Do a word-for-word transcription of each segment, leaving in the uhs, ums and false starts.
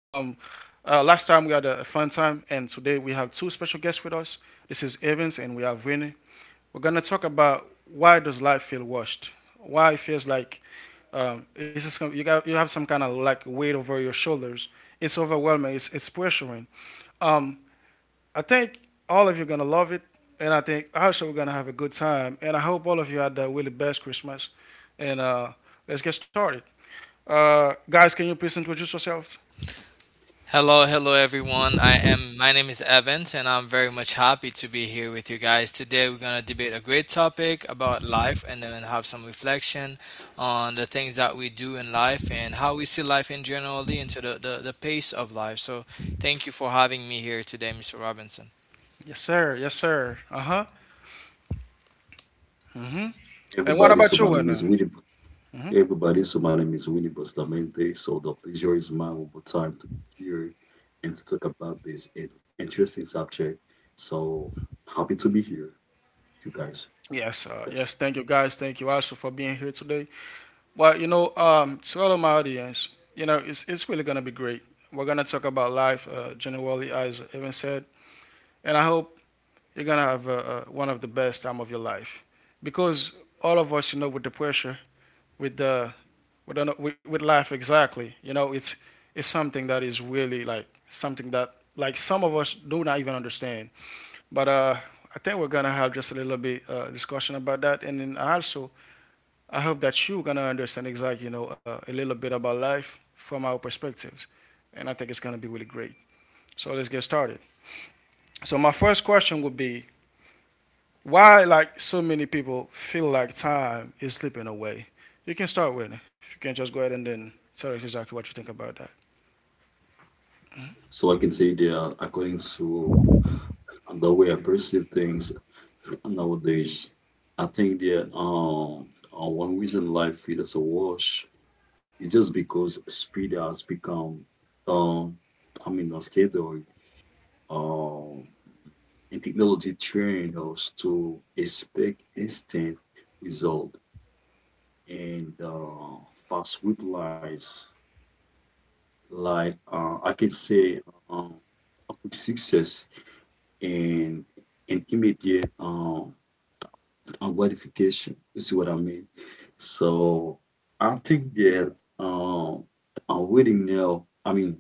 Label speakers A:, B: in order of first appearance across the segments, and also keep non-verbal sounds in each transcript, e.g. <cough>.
A: uh, Last time we had a fun time, and today we have two special guests with us. This is Evans and we have Winnie. We're gonna talk about why does life feel washed? Why it feels like um, it's just, you got you have some kind of like weight over your shoulders. It's overwhelming. It's it's pressuring. Um, I think all of you are gonna love it, and I think also we're gonna have a good time. And I hope all of you had the really best Christmas. And uh, let's get started. Uh, guys, can you please introduce yourselves?
B: Hello, hello everyone. I am my name is Evans and I'm very much happy to be here with you guys. Today we're going to debate a great topic about life and then have some reflection on the things that we do in life and how we see life in generally into the, the, the pace of life. So thank you for having me here today, mister Robinson.
A: Yes, sir. Yes, sir. Uh huh. Mm-hmm. And what
C: Everybody,
A: about
C: so
A: you,
C: my name is
A: Wanda?
C: Winnie.
A: Hmm.
C: Everybody, so my name is Winnie Bustamante. So the pleasure is mine one more time to be here and to talk about this in- interesting subject. So happy to be here, you guys.
A: Yes, uh, yes.
C: Yes.
A: Thank you, guys. Thank you also for being here today. But you know, um, to all of my audience, you know, it's it's really gonna be great. We're gonna talk about life, uh, generally, as Evan said, and I hope you're gonna have uh, uh, one of the best time of your life, because all of us, you know, with the pressure, with the we don't know, with, with life exactly. You know, it's it's something that is really like something that like some of us do not even understand. But uh, I think we're gonna have just a little bit uh, discussion about that, and then also I hope that you're gonna understand exactly you know uh, a little bit about life from our perspectives, and I think it's gonna be really great. So let's get started. So my first question would be why like so many people feel like time is slipping away. You can start with it. If you can just go ahead and then tell us exactly what you think about that.
C: So I can say that uh, according to the way I perceive things nowadays, I think that um uh, one reason life feels a wash is just because speed has become um I mean a standard. Um and technology trained us to expect instant result and uh, fast replies. Like uh, I can say, uh, a quick success and an immediate uh, uh, gratification. You see what I mean? So I think that uh, uh, waiting now. I mean,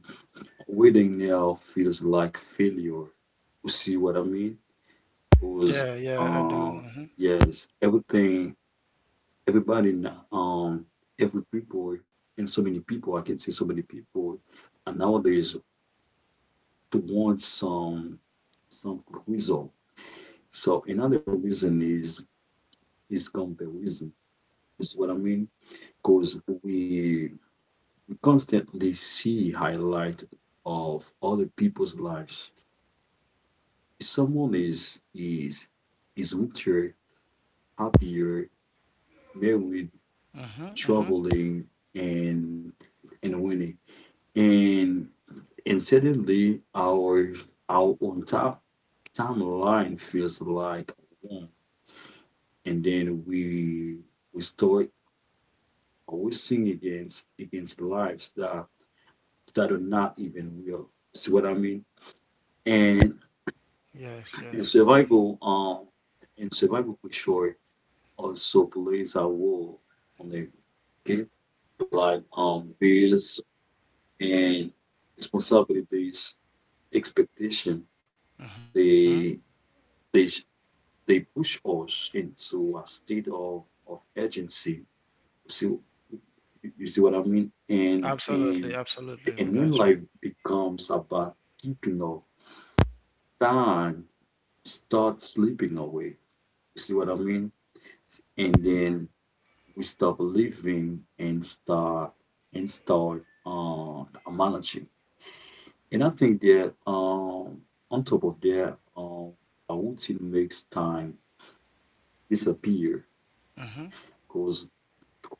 C: waiting now feels like failure. You see what I mean? Because
A: Yeah, yeah, I do.
C: uh,
A: Hmm.
C: yes, everything everybody now, um every people and so many people i can see so many people and nowadays towards some some result. So another reason is is comparison is what i mean, because we we constantly see highlight of other people's lives. If someone is is is richer, happier, married,
A: Hmm.
C: traveling, and and winning, and And suddenly, our our own top timeline feels like one, and then we we start racing against against lives that that are not even real. See what I mean? And
A: Yes,
C: and
A: yes.
C: survival um and survival pressure also plays a role on the game, like um bills and responsibilities, expectation.
A: Hmm.
C: They they they push us into a state of of urgency. So you see what I mean? And
A: Absolutely,
C: and
A: absolutely. We
C: and when
A: got you.
C: life becomes about keeping up, time starts slipping away. You see what I mean? And then we stop living and start and start uh managing. And I think that um on top of that, um, a routine makes time disappear
A: Hmm.
C: because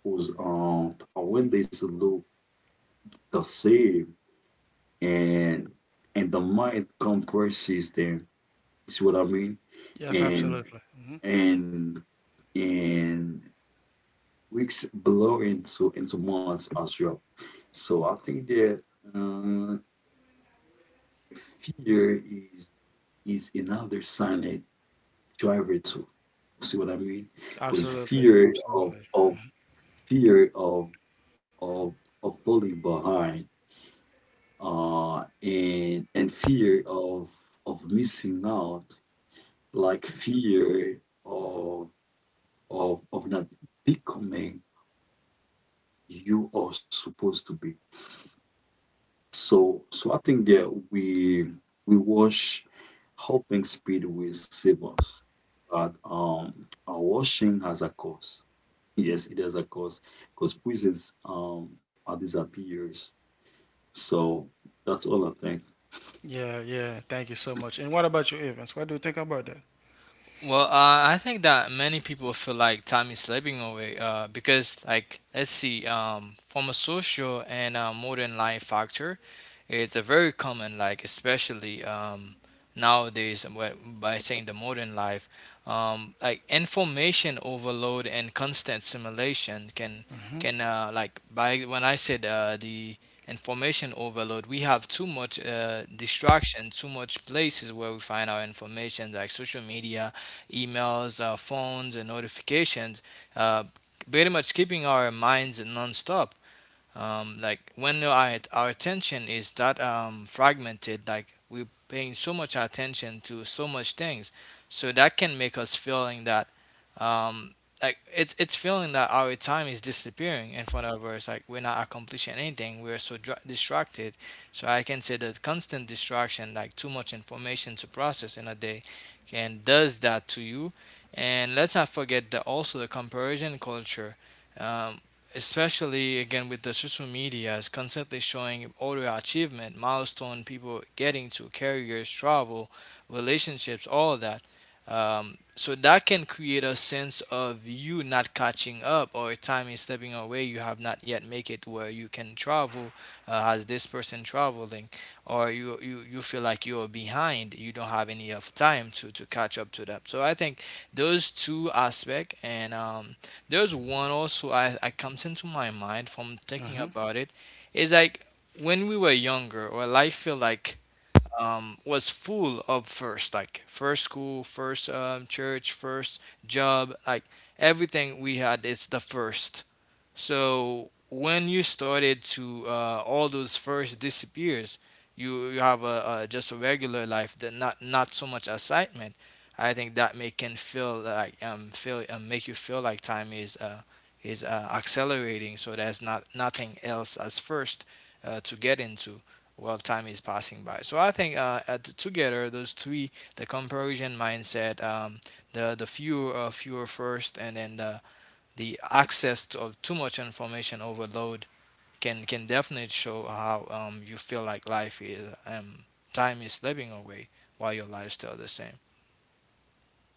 C: whose um windows look the same, and and the mind compresses them. See what I mean?
A: Yes,
C: And
A: absolutely. Hmm.
C: and and weeks blow into into months as well. So I think that uh, fear is is another silent driver too. See what I mean? Because
A: Absolutely,
C: fear of
A: absolutely.
C: of fear of of of falling behind, uh, and and fear of of missing out, like fear of of of not becoming you are supposed to be. So so I think that we we wash helping speed will save us. But um our washing has a cost. Yes, it has a cost because prisons um are disappears. So that's all I think.
A: Yeah, yeah. Thank you so much. And what about you, Evans? What do you think about that?
B: Well, uh, I think that many people feel like time is slipping away, uh, because, like, let's see, um, from a social and uh, modern life factor, it's a very common, like, especially um, nowadays, wh- by saying the modern life, um, like information overload and constant simulation can, can uh, like by, when I said, uh, the information overload, we have too much uh, distraction, too much places where we find our information, like social media emails, uh, phones, and notifications, uh, pretty much keeping our minds nonstop, um, like when our, our attention is that, um, fragmented, like we're paying so much attention to so much things, so that can make us feeling that, um, like it's it's feeling that our time is disappearing in front of us, like we're not accomplishing anything, we're so dra- distracted. So I can say that constant distraction, like too much information to process in a day, can does that to you. And let's not forget that also the comparison culture, um, especially again with the social media, is constantly showing all your achievement milestone, people getting to careers, travel, relationships, all of that. Um, so that can create a sense of you not catching up, or time is stepping away, you have not yet make it where you can travel, uh, as this person traveling, or you, you you feel like you're behind, you don't have any of time to to catch up to them. So I think those two aspect and, um there's one also, I, I comes into my mind from thinking
A: Hmm.
B: about it, is like when we were younger, or I feel like, um, was full of first, like first school, first, um, church, first job, like everything we had is the first. So when you started to, uh, all those first disappears, you, you have a, a just a regular life that not not so much excitement. I think that may can feel like, um feel, um, make you feel like time is, uh is uh, accelerating. So there's not nothing else as first, uh, to get into while time is passing by. So I think, uh, at, together those three: the comparison mindset, um, the the fewer, uh, fewer first, and then the the access to, of too much information overload, can can definitely show how, um, you feel like life is, um, time is slipping away while your life's still the same.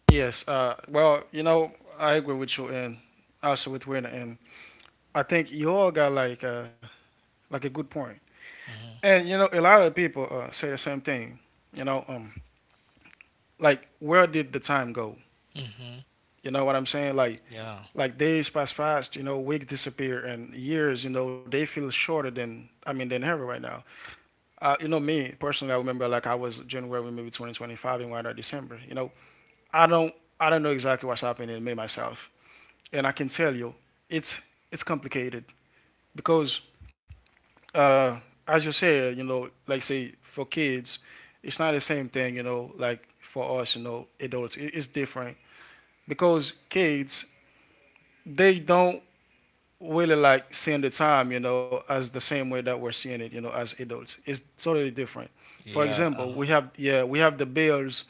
A: Yes. Uh. Well, you know, I agree with you, and also with Win, and I think you all got like uh like a good point.
B: Mm-hmm.
A: And you know, a lot of people uh, say the same thing. You know, um, like where did the time go?
B: Mm-hmm.
A: You know what I'm saying? Like
B: Yeah.
A: like days pass fast, you know, weeks disappear and years, you know, they feel shorter than, i mean than ever right now. Uh, you know, me personally, I remember like I was January maybe twenty twenty-five and right now December, you know, i don't I don't know exactly what's happening in me myself, and I can tell you it's it's complicated because uh, as you said, you know, like say for kids, it's not the same thing, you know, like for us, you know, adults, it, it's different because kids they don't really like seeing the time, you know, as the same way that we're seeing it, you know, as adults. It's totally different. For
B: Yeah.
A: example, we have yeah, we have the bills,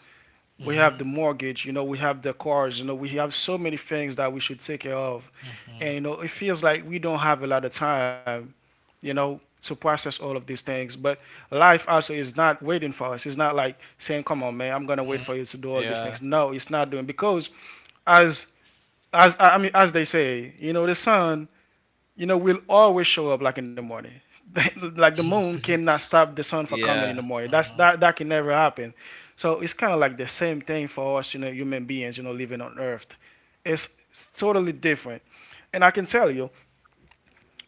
A: we have
B: Mm-hmm.
A: the mortgage, you know, we have the cars, you know, we have so many things that we should take care of.
B: Mm-hmm.
A: And you know, it feels like we don't have a lot of time, you know, to process all of these things. But life also is not waiting for us. It's not like saying, "Come on, man, I'm gonna wait
B: hmm
A: for you to do all these
B: Yeah.
A: things." No, it's not doing because as as I mean, as they say, you know, the sun, you know, will always show up like in the morning. <laughs> Like the moon
B: <laughs>
A: cannot stop the sun for coming in the
B: Yeah.
A: morning. That's
B: Mm-hmm.
A: that that can never happen. So it's kind of like the same thing for us, you know, human beings, you know, living on Earth. It's, it's totally different, and I can tell you,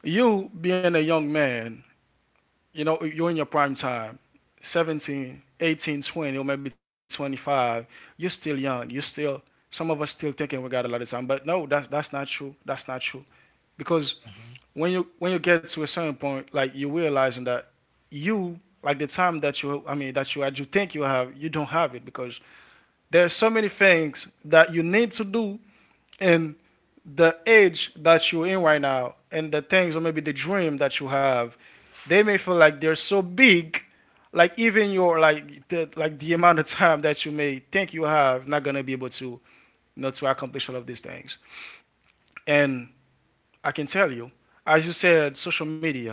A: you being a young man, you know, you're in your prime time, seventeen, eighteen, twenty, or maybe twenty-five. You're still young. You're still some of us still thinking we got a lot of time, but no, that's that's not true. That's not true because
B: Mm-hmm.
A: when you when you get to a certain point, like you realizing that you like the time that you I mean that you had you think you have you don't have it because there are so many things that you need to do and the age that you're in right now and the things or maybe the dream that you have, they may feel like they're so big, like even your like the like the amount of time that you may think you have not gonna be able to, you know, to accomplish all of these things. And I can tell you, as you said, social media,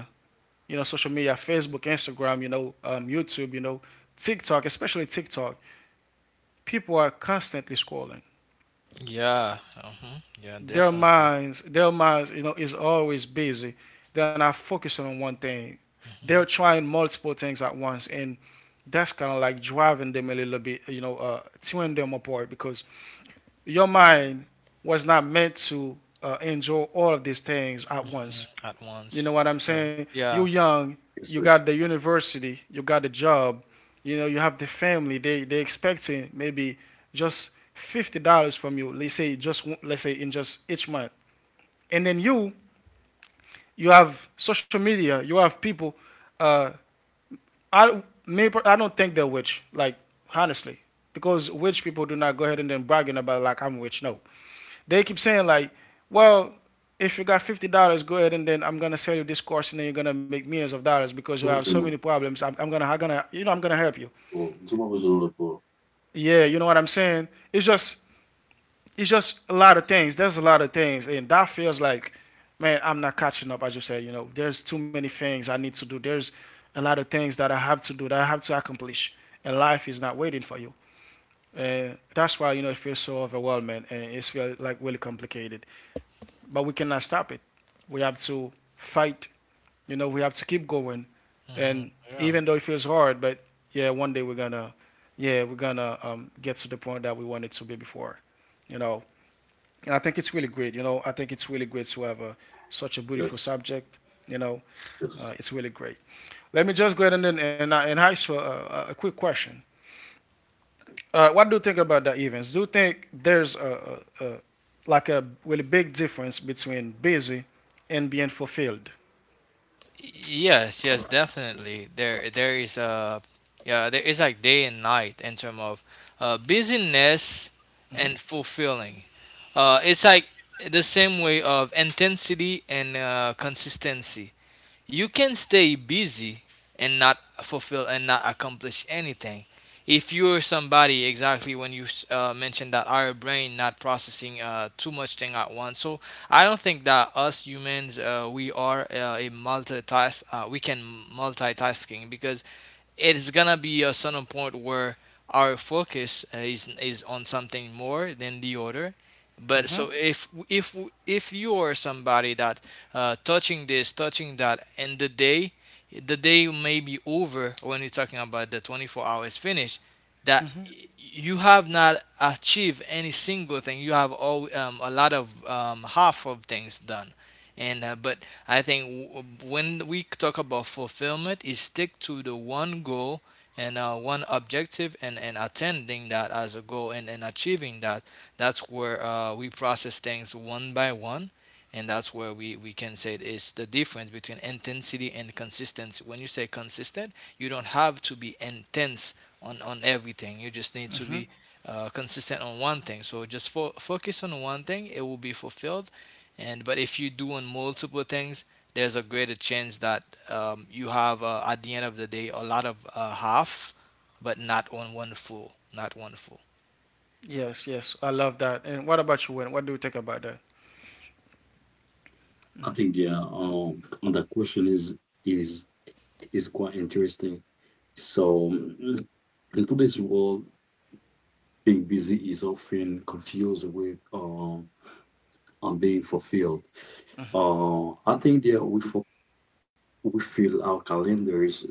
A: you know, social media, Facebook, Instagram, you know, um, YouTube, you know, TikTok, especially TikTok, people are constantly scrolling.
B: Yeah. Mm-hmm. Yeah.
A: Their
B: Definitely.
A: minds, their minds, you know, is always busy. They're not focusing on one thing. They're
B: Mm-hmm.
A: trying multiple things at once, and that's kind of like driving them a little bit, you know, uh, tearing them apart because your mind was not meant to uh, enjoy all of these things at
B: Mhm.
A: once.
B: At
A: You
B: once.
A: know what I'm
B: Sure.
A: saying? You're
B: Yeah.
A: young,
C: Yes,
A: you
C: yes.
A: got the university, you got the job, you know, you have the family. They they expecting maybe just fifty dollars from you. Let's say just let's say in just each month, and then you you have social media, you have people. Uh, I maybe I don't think they're rich, like honestly, because rich people do not go ahead and then bragging about like I'm rich. No, they keep saying like, well, if you got fifty dollars, go ahead and then I'm gonna sell you this course and then you're gonna make millions of dollars because you have so many
C: Provisional.
A: problems. I'm, I'm gonna I'm gonna, you know, I'm gonna help you.
C: Well, it's a provisional report.
A: Yeah, you know what I'm saying? It's just it's just a lot of things. There's a lot of things, and that feels like, man, I'm not catching up. As you said, you know, there's too many things I need to do. There's a lot of things that I have to do that I have to accomplish, and life is not waiting for you. And that's why you know it feels so overwhelming and it feels like really complicated. But we cannot stop it. We have to fight. You know, we have to keep going. And
B: hmm Yeah.
A: even though it feels hard, but yeah, one day we're gonna, yeah, we're gonna um, get to the point that we wanted to be before. You know, and I think it's really great. You know, I think it's really great to have a, such a beautiful
C: Yes,
A: subject. You know, uh,
C: yes.
A: it's really great. Let me just go ahead and and, and ask for a, a quick question. Uh, what do you think about the events? Do you think there's a, a, a like a really big difference between busy and being fulfilled?
B: Y- Yes, yes, definitely. There, there is a, yeah, there is like day and night in term of, uh, busyness and fulfilling. Uh, it's like the same way of intensity and, uh, consistency. You can stay busy and not fulfill and not accomplish anything. If you're somebody exactly when you, uh, mentioned that our brain not processing, uh, too much thing at once, so I don't think that us humans, uh, we are, uh, a multitask. Uh, we can multitasking because it is gonna be a certain point where our focus, uh, is is on something more than the other, but so if if if you are somebody that, uh, touching this, touching that, and the day, the day may be over when you're talking about the twenty-four hours finish, that you have not achieved any single thing. You have all, um, a lot of, um, half of things done. And, uh, but I think w- when we talk about fulfillment, is stick to the one goal and, uh, one objective, and, and attending that as a goal, and, and achieving that, that's where, uh, we process things one by one, and that's where we, we can say it's the difference between intensity and consistency. When you say consistent, you don't have to be intense on, on everything. You just need to be, uh, consistent on one thing. So just fo- focus on one thing, it will be fulfilled. And but if you do on multiple things, there's a greater chance that, um, you have, uh, at the end of the day, a lot of, uh, half, but not on one full, not one full.
A: Yes, yes, I love that. And what about you, Wayne? What do you think about that?
C: I think yeah, um, that question is is is quite interesting. So mm, in today's world, being busy is often confused with um and being fulfilled. Uh, I think yeah, we fo- we fill our calendars,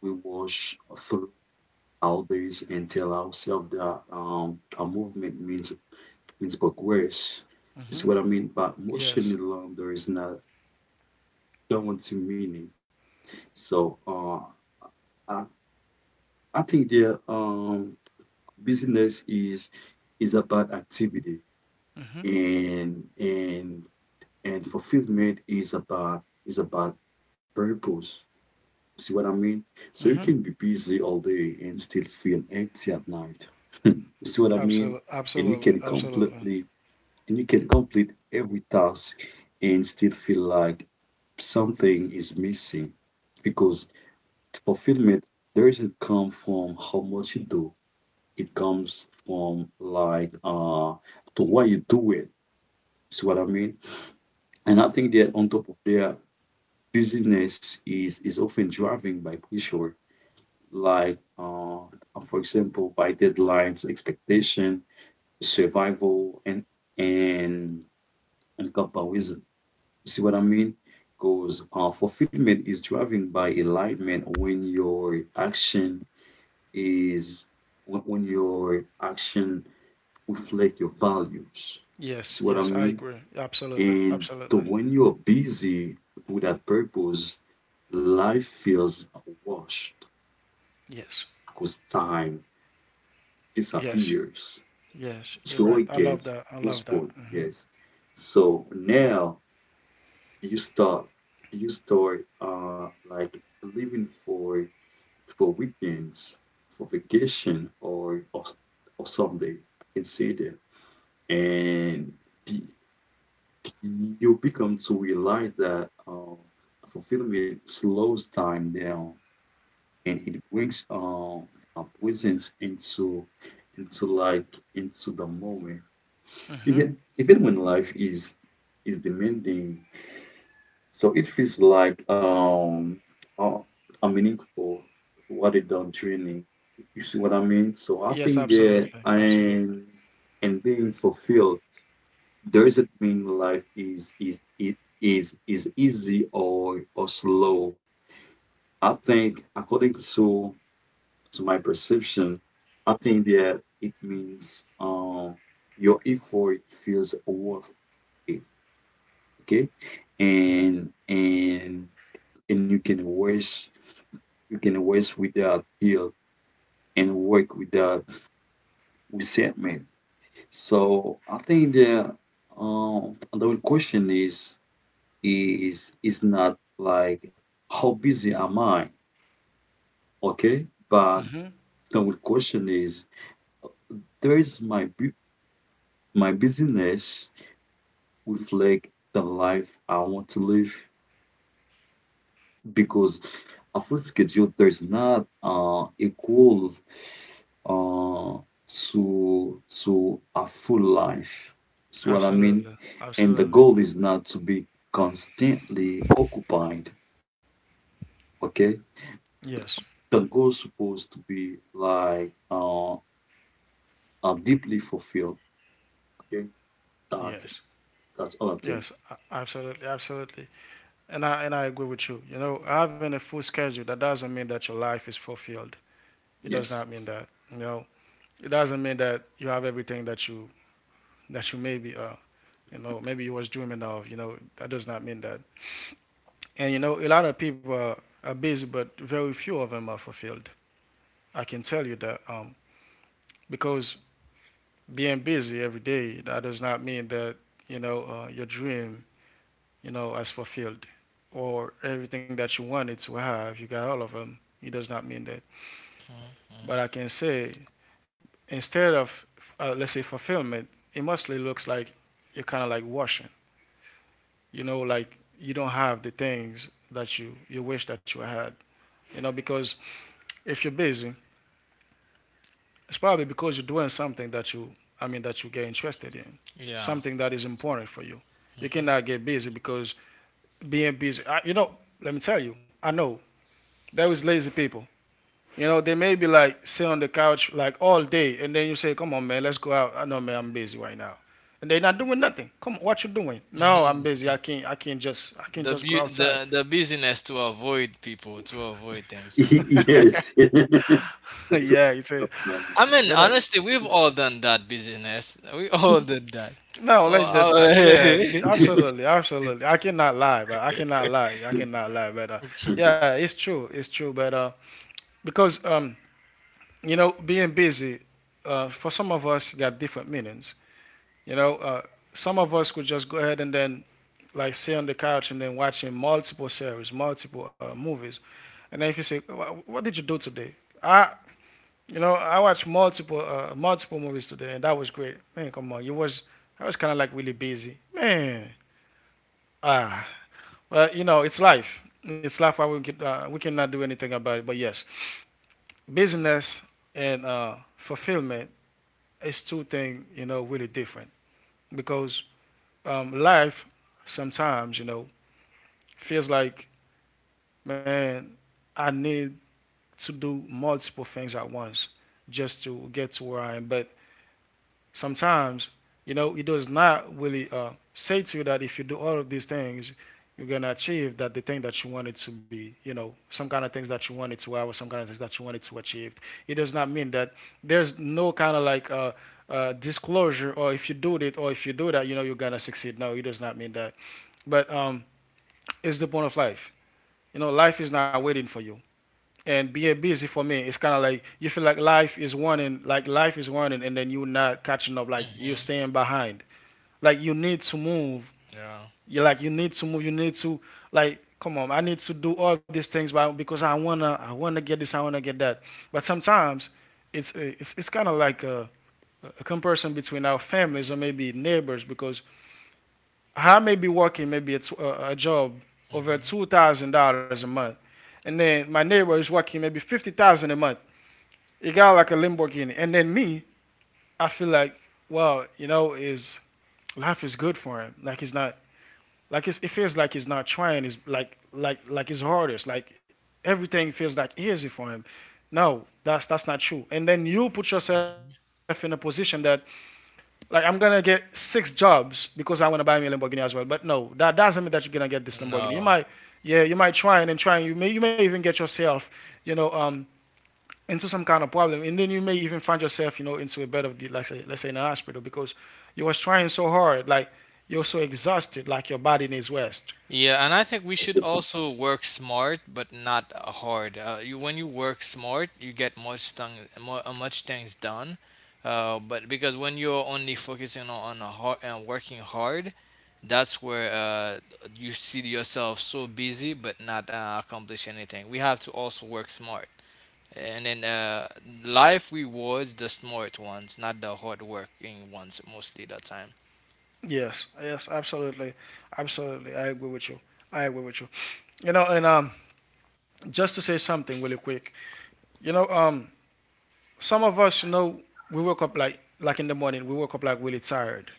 C: we wash through our days and tell ourselves that um our movement means means progress. It's what I mean by motion
A: Yes,
C: alone there is not guaranteed meaning. So uh, I, I think the um, business is is about activity, and and and fulfillment is about is about purpose. See what I mean? So you can be busy all day and still feel empty at night. <laughs> You see what I mean?
A: absolutely,
C: And you
A: absolutely,
C: can
A: absolutely.
C: completely and you can complete every task and still feel like something is missing, because fulfillment doesn't come from how much you do. It comes from like uh to why you do it. See what I mean? And I think that on top of their busyness is is often driven by pressure, like uh for example by deadlines, expectation, survival, and and and comparison. See what I mean? Because uh, fulfillment is driven by alignment, when your action is when, when your action reflect your values.
A: Yes,
C: See what I
A: yes, I
C: mean?
A: agree. Absolutely,
C: And so
A: absolutely.
C: when you're busy with that purpose, life feels washed
A: Yes,
C: because time
A: yes,
C: disappears.
A: yes. You're right.
C: Joy
A: I love
C: gets
A: that. I love that.
C: postponed.
A: Hmm.
C: Yes. So now you start you start uh like living for for weekends, for vacation, or or, or someday. I can see that. and be- you become to realize that uh, fulfillment slows time down, and it brings uh, a presence into into like into the moment,
A: Hmm.
C: even even when life is is demanding. So it feels like um uh, a meaningful what it done training. You see what i mean? So i
A: Yes,
C: think that
A: absolutely, absolutely.
C: and and being fulfilled doesn't mean life is is it is is easy or or slow. I think according to to my perception, I think that it means um your effort feels worth it. Okay. And and and you can waste you can waste without guilt and work without resentment. So I think that um the real question is is is not like how busy am I, okay? But
A: Hmm.
C: the real question is, does my bu- my busyness reflect the life I want to live? Because a full schedule there is not uh, equal uh, to to a full life. See what I mean?
A: Absolutely,
C: And the
A: absolutely.
C: goal is not to be constantly occupied, okay?
A: Yes,
C: The goal supposed to be like uh, I'm deeply fulfilled. Okay, that's
A: yes.
C: that's all I think.
A: Yes, a- absolutely, absolutely. And I and I agree with you. You know, having a full schedule that doesn't mean that your life is fulfilled. It does
C: Yes,
A: not mean that. You know, it doesn't mean that you have everything that you that you maybe uh you know maybe you was dreaming of. You know, that does not mean that. And you know, a lot of people are, are busy, but very few of them are fulfilled. I can tell you that um because being busy every day that does not mean that you know uh, your dream, you know, as fulfilled or everything that you wanted to have, you got all of them. It does not mean that. But I
B: Mhm.
A: can say, instead of, uh, let's say, fulfillment, it mostly looks like you're kind of like washing, you know, like you don't have the things that you, you wish that you had, you know, because if you're busy, it's probably because you're doing something that you, I mean, that you get interested in,
B: Yeah.
A: something that is important for you. You
B: Mhm.
A: cannot get busy because being busy, I, you know, let me tell you, I know there is lazy people. You know, they may be like sit on the couch like all day, and then you say, "Come on, man, let's go out." I know, man, I'm busy right now, and they're not doing nothing. Come on, what you doing? No, I'm
B: Mhm.
A: busy. I can't. I can't just. I can't
B: The,
A: just go
B: bu-
A: outside.
B: the the business to avoid people to avoid
C: <laughs>
B: things. Huh?
A: <laughs>
C: yes. <laughs> That's what
A: Yeah, it's a
C: it is.
B: I mean,
A: yeah. That,
B: honestly, we've all done that business. <laughs> We all
C: <laughs>
B: did that.
A: no,
B: Oh,
A: let's just
B: oh,
A: uh, yeah, y-
B: <laughs>
A: absolutely, absolutely. I cannot lie, but I cannot lie. I cannot lie, but uh, yeah, it's true, it's true. But uh, because um, you know, being busy, uh, for some of us got different meanings. You know, uh, some of us could just go ahead and then like sit on the couch and then watching multiple series, multiple uh, movies. And then if you say, "What did you do today?" I, you know, I watched multiple uh, multiple movies today, and that was great. Man, come on, you was I was kind of like really busy, man. Ah, well, you know, it's life. It's life. Why we can uh, we cannot do anything about it. But yes, business and uh, fulfillment is two things, you know, really different because um, life sometimes, you know, feels like, man, I need to do multiple things at once just to get to where I am. But sometimes, you know, it does not really uh, say to you that if you do all of these things, you're gonna achieve that the thing that you wanted to be, you know, some kind of things that you wanted to have or some kind of things that you wanted to achieve. It does not mean that there's no kind of like uh, uh, disclosure or if you do it or if you do that, you know, you're gonna succeed. No, it does not mean that. But um, it's the point of life. You know, life is not waiting for you. And being busy for me, it's kind of like you feel like life is running like life is running and then you're not catching up, like you're
B: mhm.
A: staying behind, like you need to move.
B: yeah.
A: You're like you need to move you need to like, come on, I need to do all these things, but because i wanna i wanna get this, I wanna get that. But sometimes it's it's, it's kind of like a, a comparison between our families or maybe neighbors, because I may be working maybe a, t a job over
B: hmm
A: two thousand dollars a month, and then my neighbor is working maybe fifty thousand a month. It got like a Lamborghini. And then me, I feel like, well, you know, is life is good for him. Like he's not like it's, it feels like he's not trying. It's like like like it's hardest. Like everything feels like easy for him. No, that's that's not true. And then you put yourself in a position that, like, I'm gonna get six jobs because I wanna buy me a Lamborghini as well. But no, that doesn't mean that you're gonna get this Lamborghini. You
B: No.
A: might yeah, you might try and then try, and you may you may even get yourself, you know, um into some kind of problem, and then you may even find yourself, you know, into a bed of the, let's say, let's say in a hospital because you was trying so hard, like you're so exhausted, like your body needs rest.
B: Yeah, and I think we
C: Yes,
B: should
C: yes, yes.
B: also work smart, but not, uh, hard. Uh, you, when you work smart, you get much thing, mu- uh, much things done. Uh, but because when you're only focusing on, on a hard and working hard, that's where, uh, you see yourself so busy but not, uh, accomplish anything. We have to also work smart, and then, uh, life rewards the smart ones, not the hard working ones mostly the time.
A: Yes, yes, absolutely, absolutely. I agree with you. I agree with you. You know, and um, just to say something really quick, you know, um, some of us, you know, we woke up like like in the morning, we woke up like really tired.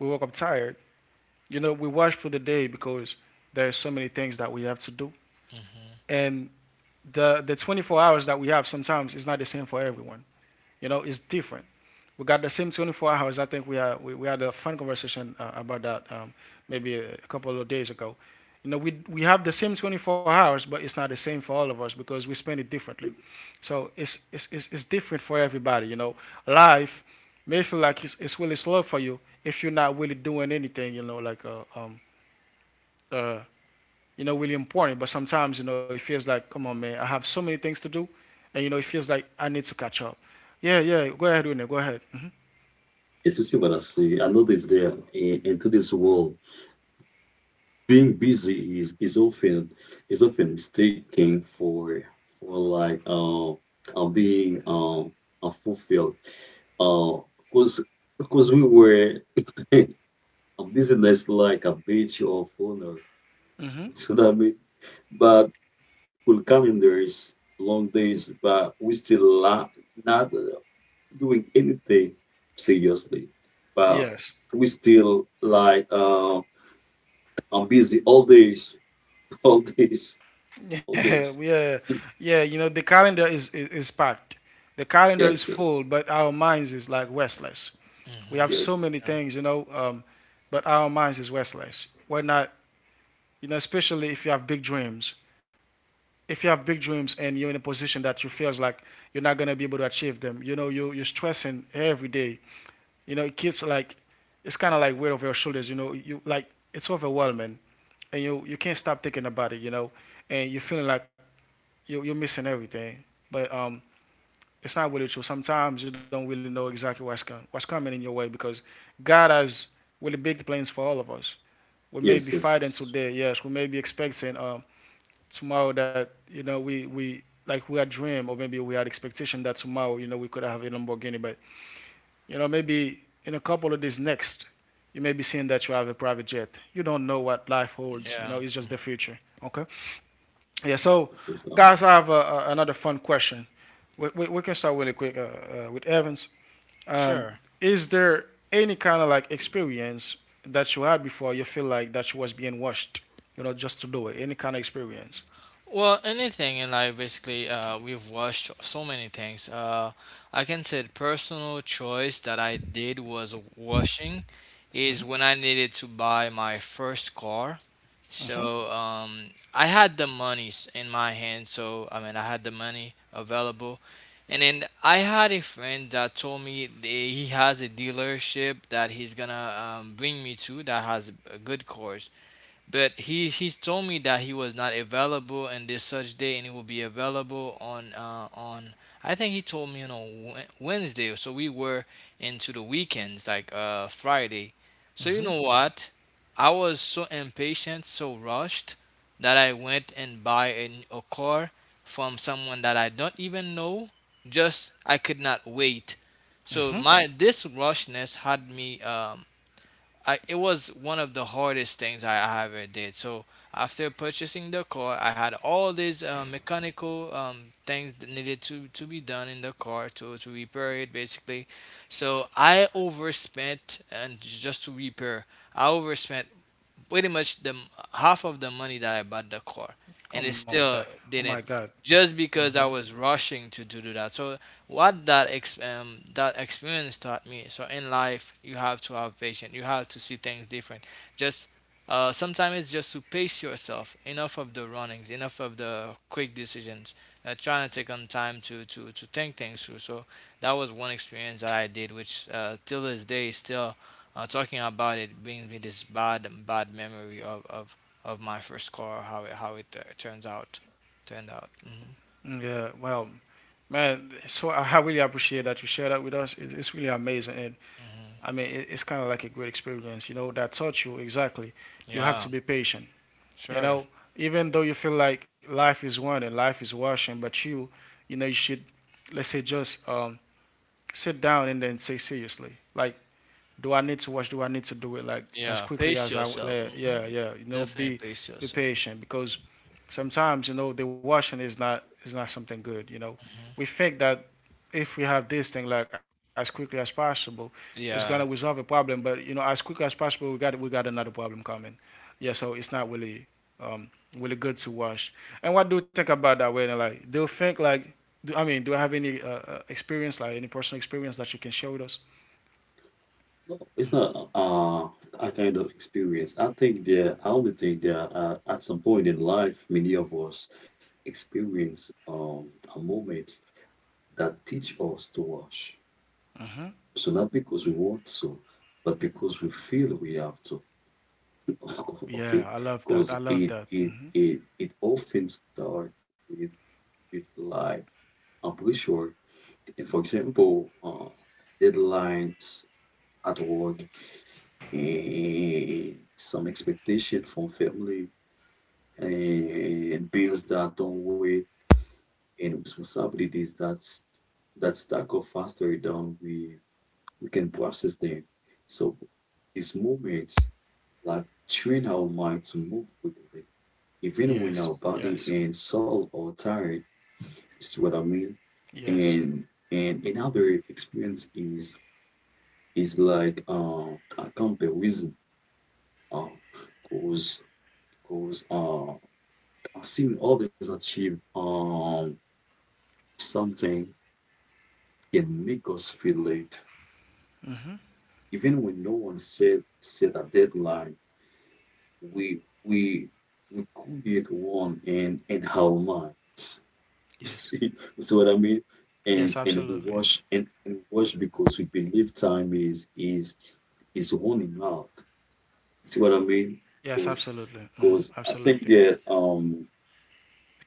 A: We woke up tired. You know, we rush through the day because there are so many things that we have to do,
B: Hmm
A: and the the twenty-four hours that we have sometimes is not the same for everyone. You know, it's different. We got the same twenty-four hours. I think we had we, we had a fun conversation uh, about that um, maybe a, a couple of days ago. You know, we we have the same twenty-four hours, but it's not the same for all of us because we spend it differently. So it's it's it's, it's different for everybody. You know, life may feel like it's, it's really slow for you if you're not really doing anything. You know, like uh, um, uh, you know, really important. But sometimes, you know, it feels like, come on, man, I have so many things to do, and you know, it feels like I need to catch up. Yeah, yeah, go ahead, Winnie, go ahead.
C: Yes, you see what I see. I know this there in, in today's world. Being busy is, is often is often mistaken for for like uh, uh being um unfulfilled. Uh, cause because we were <laughs> a business like a badge of honor.
A: hmm
C: <laughs> So that what I mean? But full calendars, long days, but we still la- not uh, doing anything seriously. But
A: Yes. <laughs>
C: we still like uh, I'm busy all days, <laughs> all days, all
A: Yeah,
C: days.
A: yeah,
C: <laughs>
A: yeah. You know, the calendar is, is is packed. The calendar is
C: Yes, yes,
A: full, but our minds is like restless. We
B: hmm
A: have so
C: yes,
A: many
B: Yeah.
A: things, you know, um, but our minds is restless. We're not, you know, especially if you have big dreams. If you have big dreams and you're in a position that you feels like you're not gonna be able to achieve them, you know, you you're stressing every day. You know, it keeps like it's kind of like weight over your shoulders. You know, you like it's overwhelming, and you you can't stop thinking about it. You know, and you're feeling like you you're missing everything, but um, it's not really true. Sometimes you don't really know exactly what's com- what's coming in your way because God has really big plans for all of us. We may be
C: yes, yes,
A: fighting
C: yes, yes.
A: today, yes. We may be expecting um, tomorrow that, you know, we we like we had dream or maybe we had expectation that tomorrow, you know, we could have a Lamborghini, but you know, maybe in a couple of days next, you may be seeing that you have a private jet. You don't know what life holds. You
B: yeah,
A: know, it's just the future. Okay. Yeah.
C: The
A: So,
C: first time.
A: guys, I have uh, uh, another fun question. We, we, we can start really quick uh, uh, with Evans. Um,
B: sure.
A: is there any kind of like experience that you had before you feel like that you was being watched? You know, just to do it. Any kind of experience?
B: Well, anything in life, basically, uh, we've watched so many things. Uh, I can say the personal choice that I did was washing, is when I needed to buy my first car.
A: hmm
B: So, um, I had the monies in my hand, so I mean, I had the money available. And then I had a friend that told me that he has a dealership that he's gonna, um, bring me to, that has a good cars. But he he told me that he was not available in this such day, and he will be available on, uh, on. I think he told me on a Wed- Wednesday, so we were into the weekends, like, uh, Friday. So you know what? I was so impatient, so rushed that I went and buy a, n- a car from someone that I don't even know. Just I could not wait. So my this rushness had me, um, I, it was one of the hardest things I ever did. So after purchasing the car, I had all these, uh, mechanical, um, things that needed to, to be done in the car to, to repair it, basically. So I overspent and j- just to repair, I overspent pretty much the half of the money that I bought the car, and it
A: Come on, that.
B: still
A: Oh my
B: didn't,
A: God.
B: just because I was rushing to, to do that. So what that ex- um, that experience taught me. So in life, you have to have patience. You have to see things different. Just, uh, sometimes it's just to pace yourself. Enough of the runnings. Enough of the quick decisions. Uh, trying to take on time to, to, to think things through. So that was one experience that I did, which, uh, till this day, still, uh, talking about it brings me this bad, bad memory of of, of my first car, how it how it uh, turns out turned out. Hmm
A: Yeah. Well, man. So I I really appreciate that you share that with us. It's, it's really amazing. And I
B: hmm
A: mean, it, it's kind of like a great experience, you know, that taught you exactly. You have
B: yeah
A: to be patient, you
B: sure
A: know, even though you feel like life is one and life is rushing, but you, you know, you should, let's say, just um, sit down and then say seriously, like, do I need to watch? Do I need to do it like as
B: yeah
A: quickly
B: pace
A: as I?
B: yourself
A: Yeah,
B: hmm
A: yeah, yeah. You know,
B: definitely
A: be
B: pace
A: be
B: yourself
A: patient because sometimes, you know, the washing is not is not something good. You know,
B: hmm
A: we think that if we have this thing like as quickly as possible, it's gonna resolve
B: yeah
A: a problem. But you know, as quickly as possible, we got we got another problem coming. Yeah, so it's not really um, really good to watch. And what do you think about that? When, like, do you think like, do, I mean, do you have any uh, uh, experience, like any personal experience that you can share with us?
C: No, It's not uh a kind of experience. I think there I only think there, uh, at some point in life, many of us experience um a moment that teach us to wash. So not because we want to, but because we feel we have to. <laughs> Okay.
A: Yeah, I love
C: Because
A: that. I
C: it
A: love that.
C: it
A: Hmm.
C: it it often starts with with like I'm pretty sure, for example, uh deadlines at work, and some expectation from family, and bills that don't wait, and responsibilities that's that stack up faster than we we can process them. So these moments like train our mind to move quickly, even when our
A: Yes,
C: body
A: yes,
C: and soul are tired. You see what I mean?
A: yes,
C: And and another experience is is like uh, a comparison uh, cause cause uh. Seeing others achieve um, something can make us feel late. Even when no one said set a deadline, we we we create one in in our minds. <laughs>
A: yes,
C: see, see what I mean?
A: yes,
C: And and we
A: absolutely.
C: watch and, and watch because we believe time is is is running out. See what I mean?
A: Yes,
C: Because
A: absolutely. Hmm.
C: because I think
A: Absolutely.
C: that um,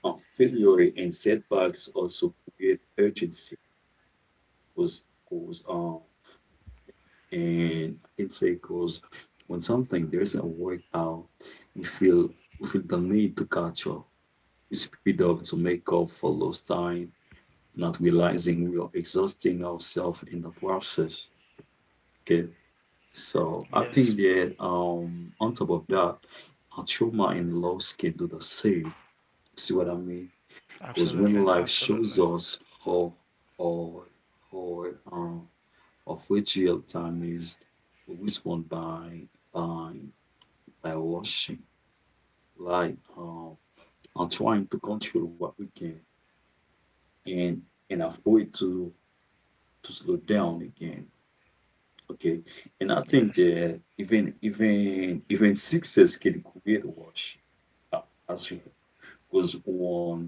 C: uh, failure and setbacks also create urgency was goes on, and I can say cause when something does isn't work out, we feel we feel the need to catch up. We speed up to make up for lost time, not realizing we are exhausting ourselves in the process. Okay. So I think
A: Yes,
C: that um on top of that, our trauma and loss can do the same. See what I mean? Because when
A: absolutely,
C: life shows
A: absolutely.
C: us how or how um of which real time is whispered by by by washing, like, uh, and trying to control what we can, and and avoid to to slow down again. Okay. And I think
A: Yes,
C: that even even even success can create rush, uh, as you because one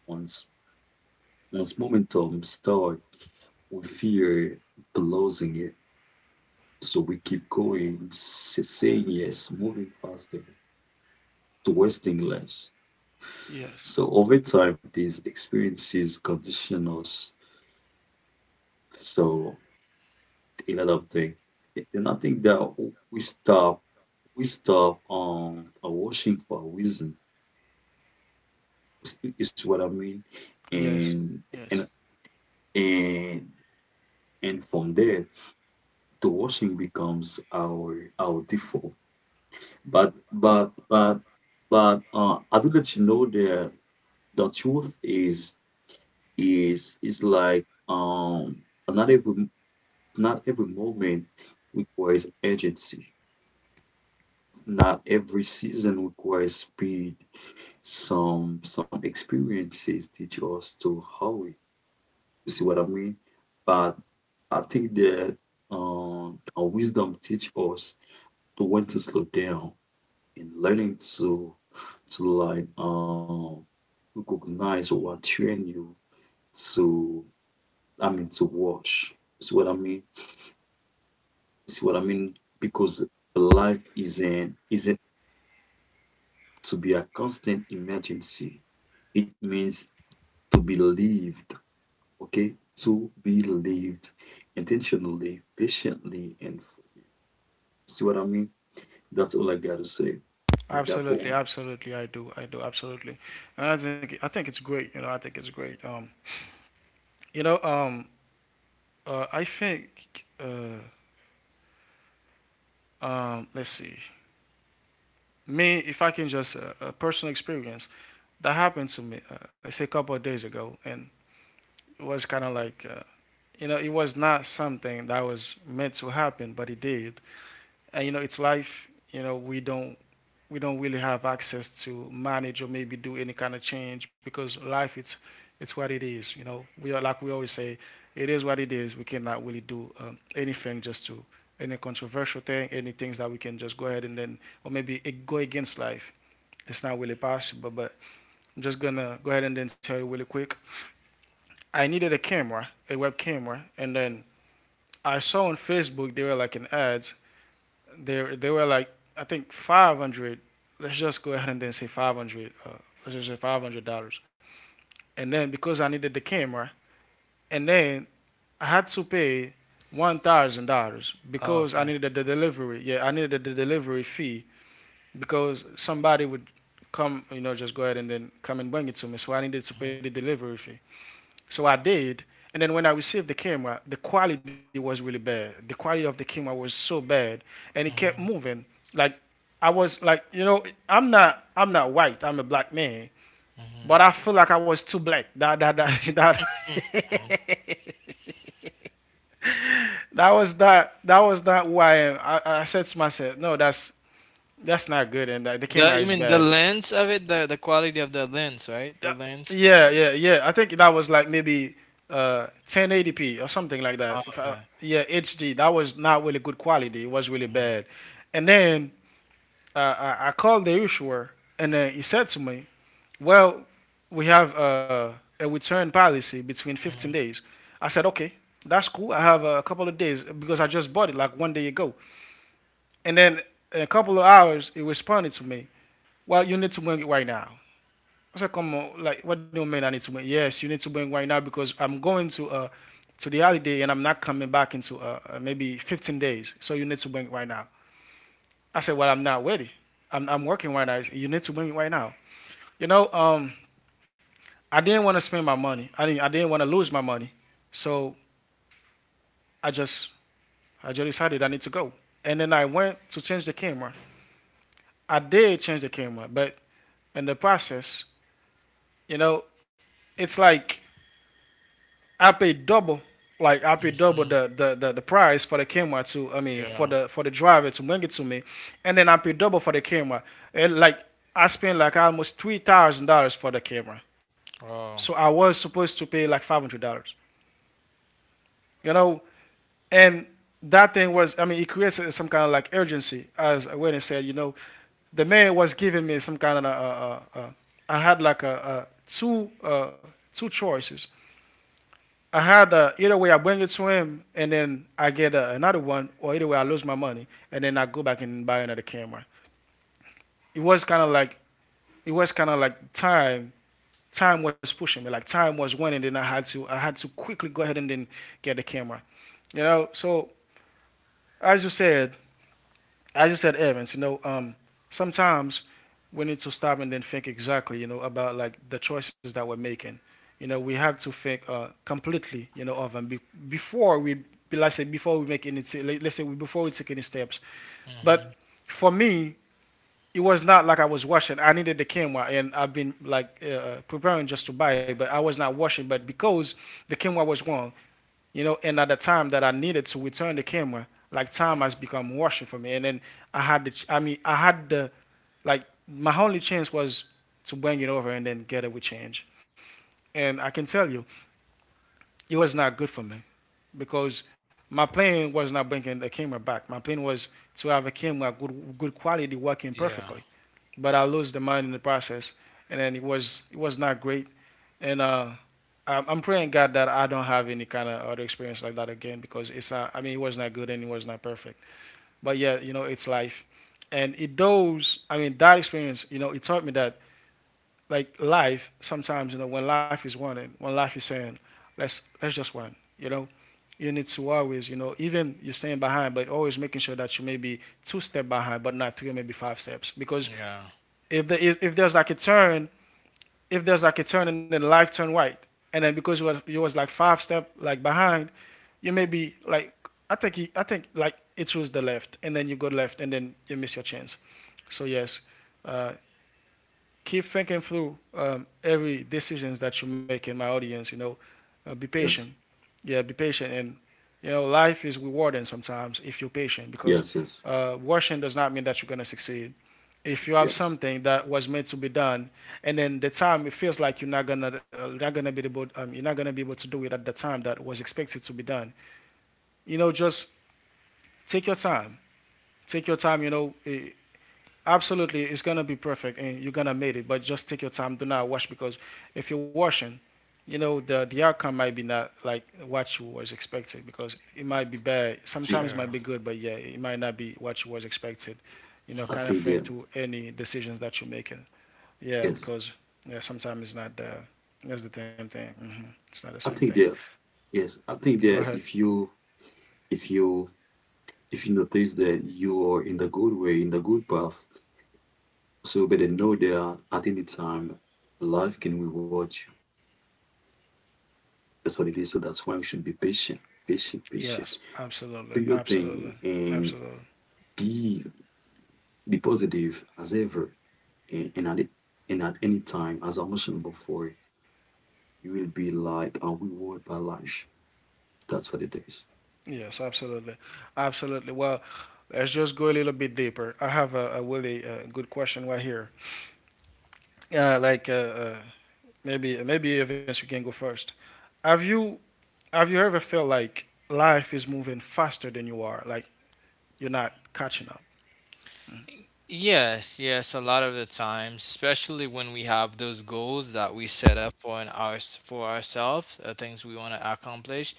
C: once once momentum start, we fear losing it. So we keep going, s- saying yes, moving faster, to West English.
A: yes.
C: So over time, these experiences condition us. So a lot of things. And I think that we stop, we stop um uh, washing for a reason. Is is what I mean.
A: Yes,
C: And and
A: yes,
C: and and from there, the washing becomes our our default. But but but but uh, I do let you know that the truth is is is like um another Not every moment requires urgency. Not every season requires speed. Some some experiences teach us to hurry. You see what I mean? But I think that um, our wisdom teach us to when to slow down, and learning to to like um recognize what train you to I mean to watch. See what I mean? See what I mean? Because life isn't isn't to be a constant emergency. It means to be lived, okay? To be lived intentionally, patiently, and fully. See what I mean? That's all I got to say on that
A: absolutely,
C: point.
A: absolutely. I do, I do, absolutely. And I think I think it's great. You know, I think it's great. Um, you know, um, uh, I think, uh, um, let's see, me, if I can just uh, a personal experience that happened to me, uh, I say a couple of days ago, and it was kind of like, uh, you know, it was not something that was meant to happen, but it did. And you know, it's life. You know, we don't we don't really have access to manage or maybe do any kind of change, because life, it's it's what it is. You know, we are, like we always say, it is what it is. We cannot really do um, anything just to any controversial thing, any things that we can just go ahead and then or maybe go against life. It's not really possible. But I'm just gonna go ahead and then tell you really quick. I needed a camera, a web camera, and then I saw on Facebook they were like an ads. They they were like, I think five hundred. Let's just go ahead and then say five hundred. Uh, let's just say five hundred dollars. And then because I needed the camera, and then I had to pay one thousand dollars
B: Oh,
A: because I
B: okay.
A: needed the delivery. Yeah, I needed the delivery fee because somebody would come, you know, just go ahead and then come and bring it to me. So I needed to pay the
B: hmm
A: delivery fee. So I did. And then when I received the camera, the quality was really bad. The quality of the camera was so bad, and it kept
B: hmm
A: moving. Like I was like, you know, I'm not, I'm not white. I'm a black man,
B: hmm
A: but I feel like I was too black. <laughs> That, that, that,
B: hmm
A: that. <laughs> that was not, that was not who I am. I, I said to myself, no, that's that's not good, and uh, the
B: the You
A: camera is
B: mean the
A: bad.
B: lens of it, the the quality of the lens, right, the
A: Yeah,
B: lens?
A: yeah, yeah, yeah. I think that was like maybe uh ten eighty p or something like that.
B: Oh,
A: If I,
B: okay
A: yeah, H D. That was not really good quality. It was really
B: hmm
A: bad. And then uh, I, I called the issuer, and then he said to me, "Well, we have uh, a return policy between fifteen days." I said, "Okay, that's cool. I have a couple of days because I just bought it like one day ago." And then in a couple of hours, he responded to me, "Well, you need to bring it right now." I said, come on, like what do you mean I need to win? Yes, you need to bring right now because I'm going to uh to the holiday and I'm not coming back into uh, uh, maybe fifteen days. So you need to win right now. I said, well, I'm not ready. I'm, I'm working right now. Said, you need to win right now. You know, um, I didn't want to spend my money. I didn't I didn't want to lose my money. So I just I just decided I need to go. And then I went to change the camera. I did change the camera, but in the process, you know, it's like I paid double, like I paid double
B: hmm
A: the the the, the price for the camera to, I mean, for
B: yeah
A: the for the driver to bring it to me, and then I paid double for the camera. And like I spent like almost three thousand dollars for the camera. So
B: oh
A: I was supposed to pay like five hundred dollars, you know, and that thing was, I mean, it creates some kind of like urgency, as Wendy said, you know, the man was giving me some kind of uh, uh, uh, had like a, a two uh, two choices. I had uh, either way I bring it to him and then I get uh, another one, or either way I lose my money and then I go back and buy another camera. It was kind of like it was kind of like time time was pushing me, like time was winning. Then I had to I had to quickly go ahead and then get the camera. You know, so as you said, I just said Evans, you know, um, sometimes we need to stop and then think exactly, you know, about like the choices that we're making. You know, we have to think uh, completely, you know, of them be- before we, be- let's say, before we make any, let- let's say, we- before we take any steps.
B: hmm
A: But for me, it was not like I was washing. I needed the camera, and I've been like uh, uh, preparing just to buy it, but I was not washing. But because the camera was wrong, you know, and at the time that I needed to return the camera, like time has become rushing for me. And then I had the, ch- I mean, I had the, like, my only chance was to bring it over and then get it with change. And I can tell you, it was not good for me because my plan was not bringing the camera back. My plan was to have a camera good, good quality working
B: yeah
A: perfectly. But I lost the money in the process, and then it was it was not great and uh, I'm, I'm praying God that I don't have any kind of other experience like that again because it's not, I mean, it was not good and it was not perfect. But yeah, you know, it's life. And it those, I mean, that experience, you know, it taught me that like life, sometimes, you know, when life is wanting, when life is saying, let's, let's just run, you know, you need to always, you know, even you're staying behind, but always making sure that you may be two steps behind, but not three, maybe five steps. Because
B: yeah
A: if the, if, if there's like a turn if there's like a turn and then the light turn white, and then because you was you was like five step like behind, you may be like I think he, I think like it was the left, and then you go left, and then you miss your chance. So yes, uh, keep thinking through um, every decisions that you make in my audience. You know, uh, be patient,
C: Yes,
A: yeah, be patient. And you know, life is rewarding sometimes if you're patient because
C: yes, yes,
A: uh, rushing does not mean that you're gonna succeed. If you have
C: yes.
A: something that was meant to be done, and then the time it feels like you're not gonna uh, not gonna be able um, you're not gonna be able to do it at the time that was expected to be done. You know, just take your time. Take your time. You know, eh, absolutely, it's gonna be perfect, and you're gonna make it. But just take your time. Do not wash because if you're washing, you know the the outcome might be not like what you was expected because it might be bad.
C: I think,
A: Sometimes it might
B: sure
A: be good, but yeah, it might not be what you was expected. You know,
C: I
A: kind of
C: think
A: thing
C: that,
A: to any decisions that you're making. Yeah,
C: yes,
A: because yeah, sometimes it's not the it's the same thing. Hmm. It's not the
C: I
A: same thing.
C: think that, yes, I think
A: Go
C: that
A: ahead.
C: if you, if you, if you notice that you are in the good way, in the good path, so you better know that at any time, life can reward. That's what it is. So that's why we should be patient, patient, patient.
A: Yes, absolutely,
C: Do your
A: absolutely,
C: thing and
A: absolutely.
C: be be positive as ever. And, and at it, and at any time, as I mentioned before, you will be like a reward by lunch. That's what it is.
A: Yes, absolutely, absolutely. Well, let's just go a little bit deeper. I have a, a really uh, good question right here. Uh, like uh, uh, maybe maybe Evans, you can go first. Have you have you ever felt like life is moving faster than you are? Like you're not catching up.
B: Yes, yes, a lot of the times, especially when we have those goals that we set up for an ours for ourselves, uh, things we want to accomplish,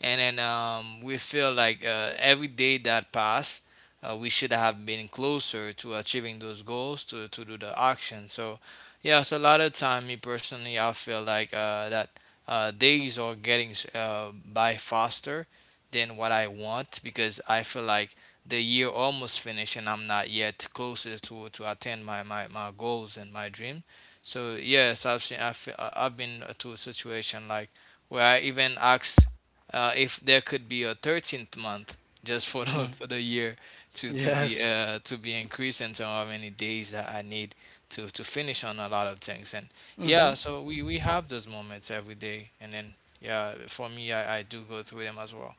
B: and then, um, we feel like, uh, every day that pass, uh, we should have been closer to achieving those goals to to do the action. So, yes, a lot of time, me personally, I feel like, uh, that, uh, days are getting, uh, by faster than what I want, because I feel like the year almost finished and I'm not yet closer to to attain my my, my goals and my dream. So yes, I've seen I've, I've been to a situation like where I even asked, uh, if there could be a thirteenth month just for the for the year to to be
A: Yes,
B: uh to be increased in terms of how many days that I need to to finish on a lot of things. And yeah, so we we have those moments every day, and then yeah, for me, I, I do go through them as well.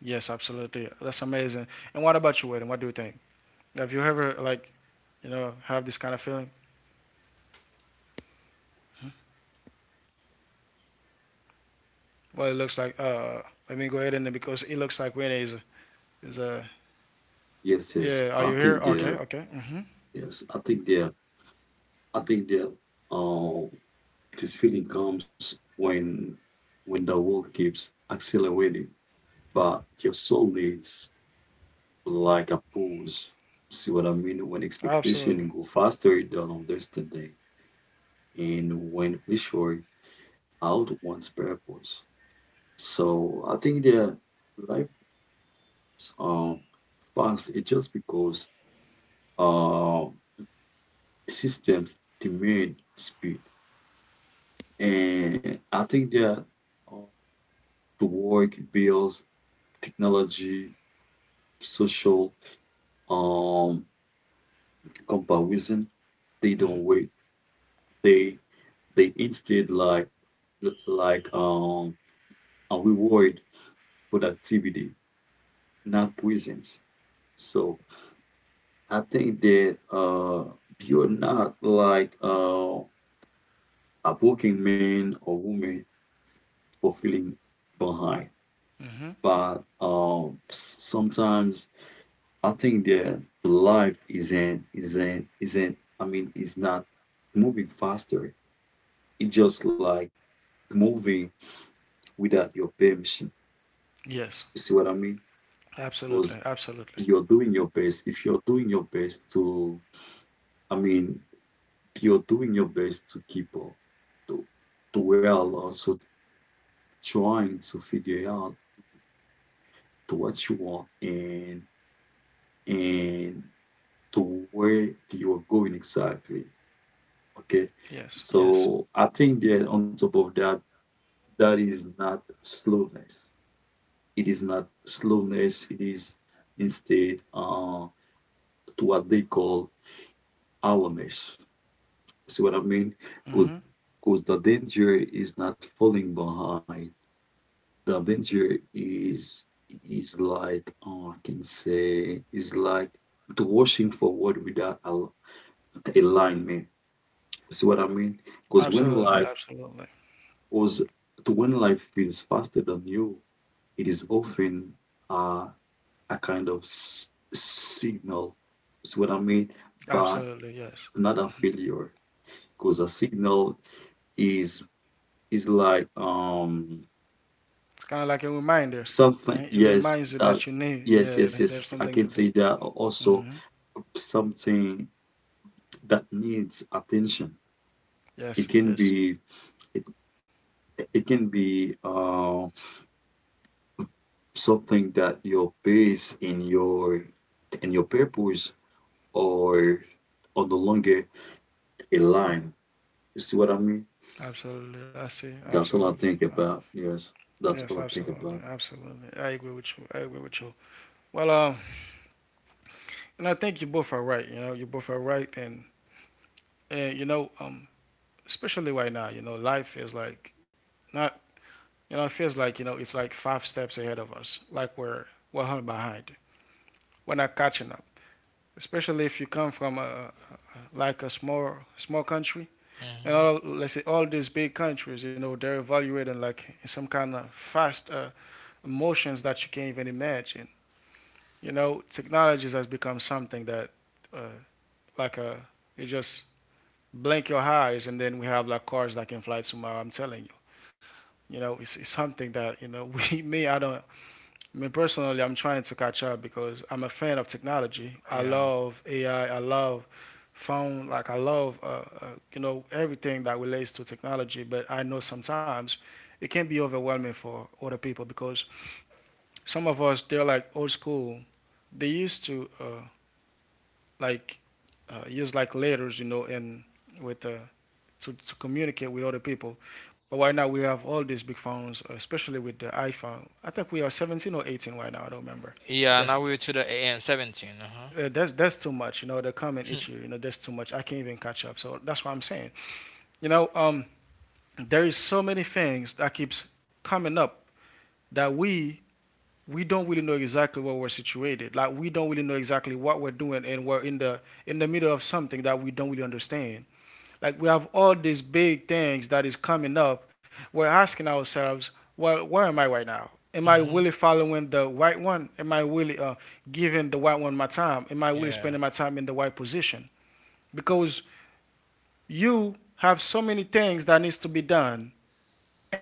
A: yes, absolutely. That's amazing. And what about you, Eden? What do you think? Have you ever like you know have this kind of feeling? Well, it looks like uh, let me go ahead and because it looks like Winnie is is uh,
C: Yes, yes.
A: yeah, are
C: I
A: you here?
C: think
A: Okay,
C: there.
A: okay. Hmm.
C: Yes, I think there. I think there. Uh, this feeling comes when when the world keeps accelerating, but your soul needs like a pause. See what I mean? When expectation
A: Absolutely.
C: go faster than understanding, and when pressure out one's purpose. So I think that life um fast. It just because uh systems demand speed, and I think that uh, the work bills, technology, social um comparison, they don't wait. They They instead like like um and reward productivity, not presence. So I think that uh you're not like uh a working man or woman for feeling behind.
A: Hmm.
C: But um s- sometimes I think that life isn't isn't isn't I mean it's not moving faster. It's just like moving without your permission.
A: Yes,
C: You see what I mean? Because
A: absolutely, absolutely.
C: you're doing your best. If you're doing your best to, I mean, you're doing your best to keep up to, to well, also trying to figure out to what you want and and to where you're going exactly. Okay,
A: Yes, yes.
C: so I think that on top of that, that is not slowness. It is not slowness. It is instead uh, to what they call awareness. See what I mean? Because
A: Hmm.
C: because the danger is not falling behind. The danger is is like oh, I can say is like to rushing forward without al- alignment. See what I mean? Because when
A: Absolutely,
C: life
A: absolutely,
C: was to when life feels faster than you, it is often uh, a kind of s- signal. See what I mean? But
A: absolutely. Yes.
C: not a failure, because a signal is is like um
A: It's kind of like a reminder.
C: something,
A: Right? It
C: yes,
A: reminds you
C: that,
A: that you need.
C: yes,
A: Yeah,
C: yes,
A: th-
C: yes,
A: there's
C: yes. I
A: something
C: can
A: to
C: say
A: do.
C: that also
A: Hmm.
C: something that needs attention. It
A: Yes,
C: can
A: yes.
C: be, it, it can be uh, something that your base in your in your purpose or or the longer a line. You see what I mean?
A: Absolutely. I see.
C: That's all I
A: Absolutely.
C: think
A: Uh,
C: about. Yes, that's all
A: Yes,
C: I think
A: absolutely,
C: about.
A: absolutely. I agree with you. I agree with you. Well, um, and I think you both are right. You know, you both are right, and and you know, um, especially right now, you know, life is like not, you know, it feels like, you know, it's like five steps ahead of us, like we're one hundred behind. We're not catching up, especially if you come from a, like a small, small country. And
B: Hmm
A: all, let's say all these big countries, you know, they're evaluating like some kind of fast uh, emotions that you can't even imagine. You know, technologies has become something that, uh, like a, you just blink your eyes and then we have like cars that can fly tomorrow. I'm telling you. You know, it's, it's something that you know <laughs> we me I don't. I mean, personally, I'm trying to catch up because I'm a fan of technology. I
B: yeah
A: love A I. I I love phone. Like I love uh, uh, you know everything that relates to technology. But I know sometimes it can be overwhelming for other people because some of us they're like old school. They used to uh, like uh, use like letters, you know, and with uh, to, to communicate with other people. But right now we have all these big phones, especially with the iPhone. I think we are seventeen or eighteen right now. I don't remember.
B: Yeah, now
A: That's
B: we're to the A M seventeen. Uh-huh.
A: uh, that's that's too much. You know, they're coming at you.
B: <laughs>
A: You know, that's too much. I can't even catch up. So that's what I'm saying. You know, um, there is so many things that keeps coming up that we we don't really know exactly where we're situated. Like we don't really know exactly what we're doing, and we're in the in the middle of something that we don't really understand. Like we have all these big things that is coming up. We're asking ourselves, well, where am I right now? Am I
B: hmm
A: really following the right one? Am I really uh, giving the right one my time? Am I really
B: Yeah.
A: spending my time in the right position? Because you have so many things that needs to be done,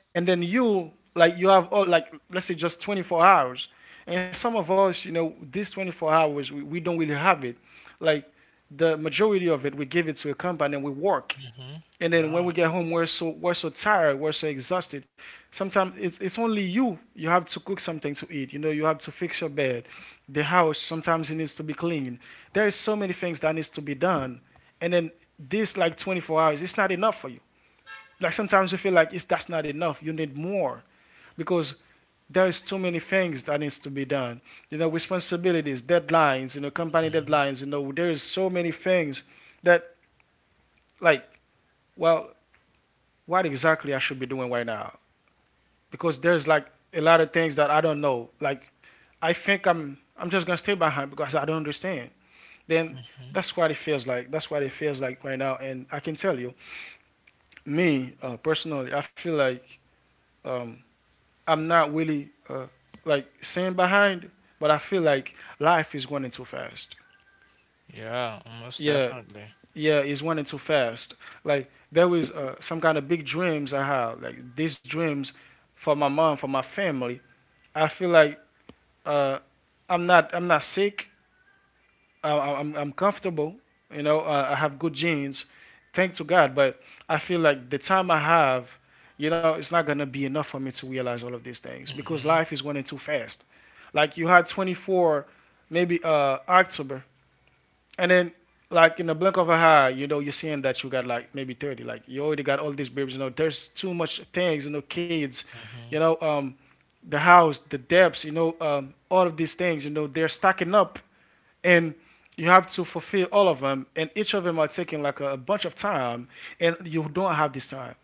A: and then you like you have all like let's say just twenty-four hours, and some of us, you know, these twenty-four hours we, we don't really have it. Like the majority of it, we give it to a company and we work
B: hmm
A: and then when
B: Yeah.
A: we get home, we're so we're so tired, we're so exhausted. Sometimes it's it's only you. You have to cook something to eat. You know, you have to fix your bed, the house. Sometimes it needs to be cleaned. There is so many things that needs to be done. And then this like twenty-four hours, it's not enough for you. Like sometimes you feel like it's that's not enough. You need more because there's too many things that needs to be done. You know, responsibilities, deadlines. You know, company deadlines. You know, there is so many things that, like, well, what exactly I should be doing right now, because there's like a lot of things that I don't know. Like I think I'm I'm just gonna stay behind because I don't understand. Then that's what it feels like. That's what it feels like right now. And I can tell you, me uh, personally, I feel like um, I'm not really uh, like staying behind, but I feel like life is running too fast.
B: Yeah, most
A: Yeah,
B: definitely.
A: yeah, it's running too fast. Like there was uh, some kind of big dreams I have, like these dreams for my mom, for my family. I feel like uh, I'm not I'm not sick. I, I- I'm I'm comfortable. You know, uh, I have good genes, thank to God. But I feel like the time I have, you know, it's not gonna be enough for me to realize all of these things because
B: Hmm
A: life is running too fast. Like you had twenty-four, maybe uh October, and then like in the blink of an eye, you know, you're seeing that you got like maybe thirty. Like you already got all these babies. You know, there's too much things. You know, kids. You
B: hmm
A: know, um, the house, the debts. You know, um, all of these things. You know, they're stacking up, and you have to fulfill all of them. And each of them are taking like a, a bunch of time, and you don't have this time.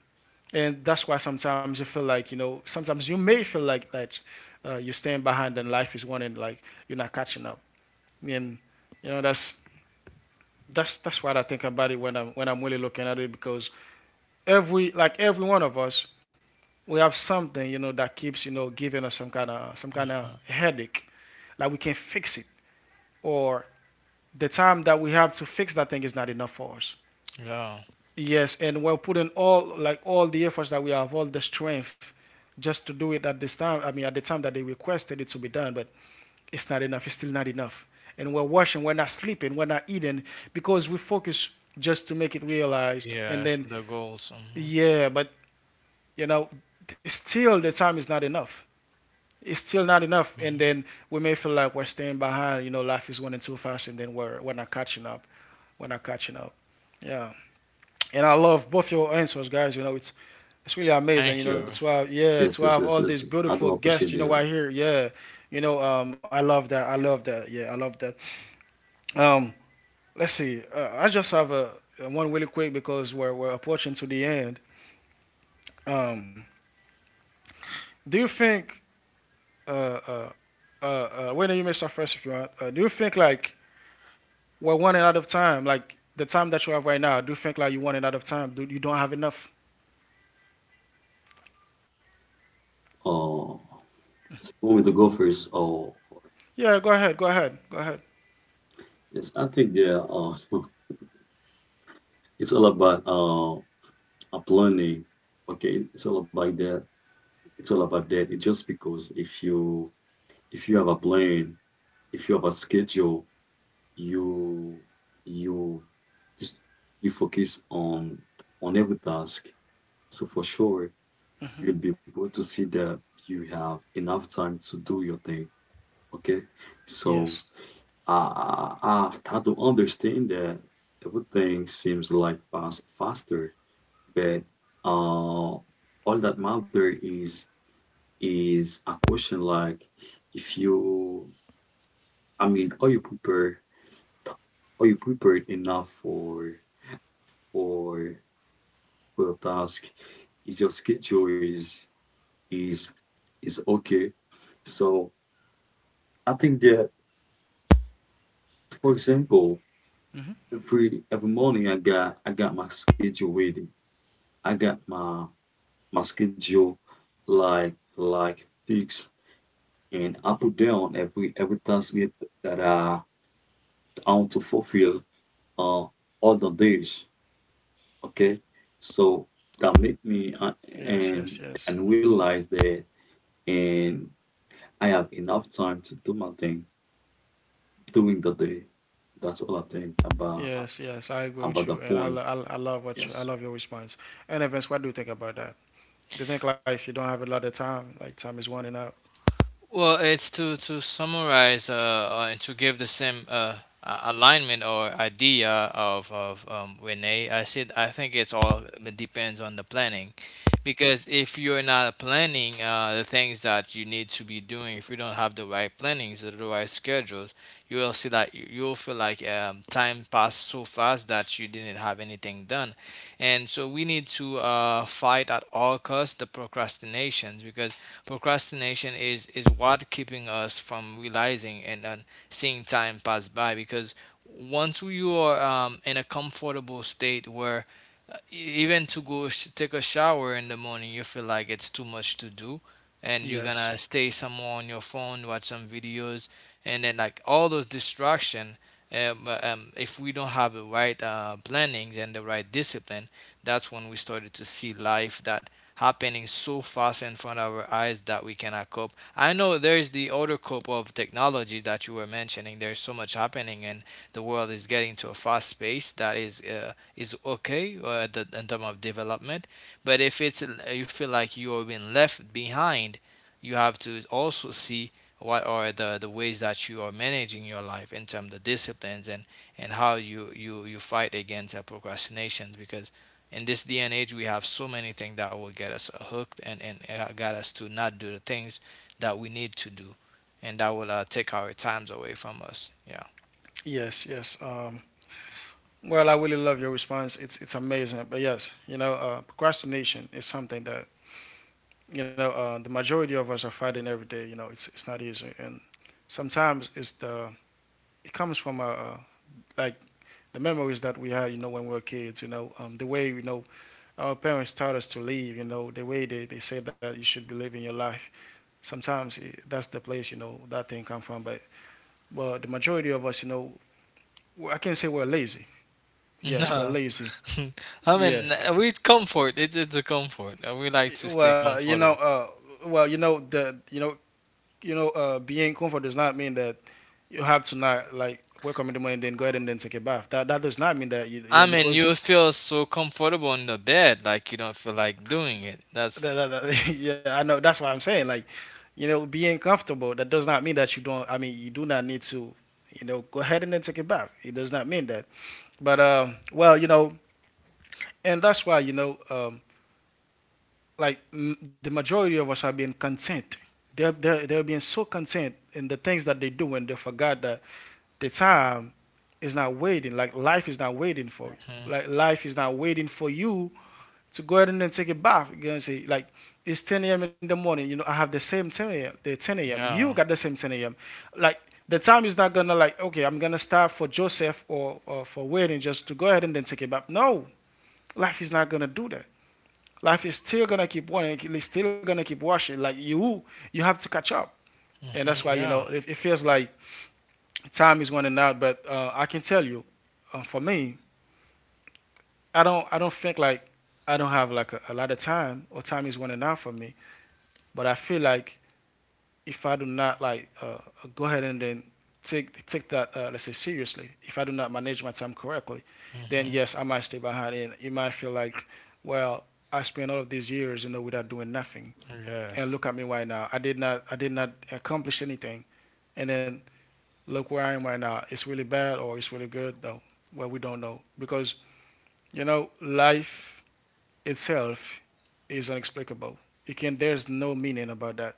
A: And that's why sometimes you feel like you know, sometimes you may feel like that uh, you staying behind and life is one and like you're not catching up. And you know, that's that's that's what I think about it when I'm when I'm really looking at it, because every like every one of us, we have something you know that keeps you know giving us some kind of some kind of
B: hmm
A: headache, like we can not fix it, or the time that we have to fix that thing is not enough for us.
B: Yeah.
A: Yes, and we're putting all like all the efforts that we have, all the strength, just to do it at this time. I mean, at the time that they requested it to be done, but it's not enough. It's still not enough. And we're washing, we're not sleeping, we're not eating because we focus just to make it realized. And
B: Yes,
A: then,
B: the goals. Hmm
A: yeah, but you know, still the time is not enough. It's still not enough. And
B: hmm
A: then we may feel like we're staying behind. You know, life is running too fast, and then we're we're not catching up. We're not catching up. Yeah. And I love both your answers, guys. You know, it's it's really
B: Thank
A: amazing. You
B: you.
A: know, to
C: Yes,
A: have, yeah,
C: yes,
A: to
C: yes,
A: have
C: yes,
A: all these
C: yes. I
A: beautiful
C: do
A: guests.
C: appreciate
A: You know,
C: that.
A: right here. Yeah. You know, um, I love that. I love that. Yeah, I love that. Um, let's see. Uh, I just have a uh, one really quick, because we're we're approaching to the end. Um, do you think? Uh, uh, uh, uh, Wayne, you may start first if you want. Uh, do you think like we're running out of time? Like the time that you have right now, do you think like you're running out of time? Do you don't have enough?
C: Uh, you want me to go first or?
A: Yeah, go ahead, go ahead, go ahead.
C: Yes, I think that uh, <laughs> it's all about uh, uh, planning. Okay, it's all about that. It's all about that. It's just because if you if you have a plan, if you have a schedule, you you just you focus on on every task. So for sure, you'll be able to see that you have enough time to do your thing. Okay,
A: Yes,
C: so ah, ah, I try to understand that everything seems like pass faster, but uh, all that matter is is a question like if you, I mean, are you prepared? Are you prepared enough for for for a task? Is your schedule is is is okay? So I think that, for example, every every morning I got I got my schedule ready. I got my schedule like like fixed and I put down every every task that that I I want to fulfill uh other days. Okay, so that make me uh,
A: yes, yes,
C: and
A: yes,
C: and
A: hmm,
C: realize that and I have enough time to do my thing during the day. That's all I think about
A: yes, yes. I agree with
C: about the
A: you, and I,
C: point.
A: lo- I, lo- I love what you, I
C: Yes,
A: love your response. And Evans, what do you think about that? Do you think like if you don't have a lot of time, like time is running out?
B: Well, it's to to summarize, uh, uh, and to give the same, uh, a- alignment or idea of of um, Renee. I said I think it's all it depends on the planning, because if you're not planning uh, the things that you need to be doing. If you don't have the right plannings or the right schedules, you will see that you- you'll feel like um, time passed so fast that you didn't have anything done, and so we need to uh, fight at all costs the procrastinations, because procrastination is is what keeping us from realizing and, and seeing time pass by. Because once you are um, in a comfortable state where uh, e- even to go sh- take a shower in the morning, you feel like it's too much to do, and you're
A: Yes.
B: gonna stay somewhere on your phone, watch some videos, and then like all those distraction, um, uh, um, if we don't have the right uh, plannings and the right discipline, that's when we started to see life that happening so fast in front of our eyes that we cannot cope. I know there is the other cope of technology that you were mentioning. There's so much happening, and the world is getting to a fast pace that is uh, is okay uh, the, in terms of development. But if it's, you feel like you are being left behind, you have to also see what are the, the ways that you are managing your life in terms of disciplines, and, and how you, you, you fight against uh, procrastinations, because in this day and age we have so many things that will get us uh, hooked, and, and uh, got us to not do the things that we need to do, and that will uh, take our times away from us. Yeah.
A: Yes, yes. Um, well, I really love your response. It's it's amazing. But yes, you know, uh, procrastination is something that you know uh, the majority of us are fighting every day. You know, it's it's not easy, and sometimes it's the it comes from uh, uh, like the memories that we had. You know, when we were kids. You know, um, the way you know our parents taught us to live. You know, the way they they said that you should be living your life. Sometimes it, that's the place you know that thing come from. But but the majority of us, you know, I can't say we're lazy.
B: <laughs>
A: Yes, we're
B: No,
A: lazy.
B: i mean
A: Yes.
B: uh, we comfort, it's, it's a comfort. Uh, we like to stay
A: Well, you know,
B: comfortable.
A: uh, well, you know the, you know, you know, uh, being comfort does not mean that you have to not like wake up in the morning, then go ahead and then take a bath. That that does not mean that you, you
B: I
A: know,
B: mean,
A: because
B: you feel so comfortable in the bed, like you don't feel like doing it. That's...
A: that, that, that- <laughs> yeah, I know that's what I'm saying. Like, you know, being comfortable that does not mean that you don't. I mean, you do not need to, you know, go ahead and then take a bath. It does not mean that. But uh, well, you know, and that's why you know. Um, like m- the majority of us are being content. They're, they're, they're being so content in the things that they do, and they forgot that the time is not waiting. Like life is not waiting for you.
B: Mhm.
A: Like life is not waiting for you to go ahead and then take a bath. You know what I'm Like it's ten a m in the morning. You know, I have the same ten a m. The ten a m. You
B: Yeah.
A: got the same ten a m. Like the time is not gonna, like, okay, I'm gonna start for Joseph, or, or for waiting, just to go ahead and then take a bath. No, life is not gonna do that. Life is still gonna keep wanting, it's still gonna keep washing. Like you, you have to catch up, and that's why
B: Mhm.
A: you know
B: Yeah.
A: it, it feels like time is running out. But uh, I can tell you, uh, for me, I don't, I don't think like I don't have like a, a lot of time, or time is running out for me. But I feel like if I do not like uh, go ahead and then take take that, uh, let's say, seriously, if I do not manage my time correctly,
B: Mhm.
A: then yes, I might stay behind, and you might feel like, well, I spent all of these years, you know, without doing nothing, and
B: Yes.
A: look at me right now. I did not I did not accomplish anything, and then look where I am right now. It's really bad, or it's really good though. Well, we don't know, because you know life itself is unexplicable. You can— there's no meaning about that.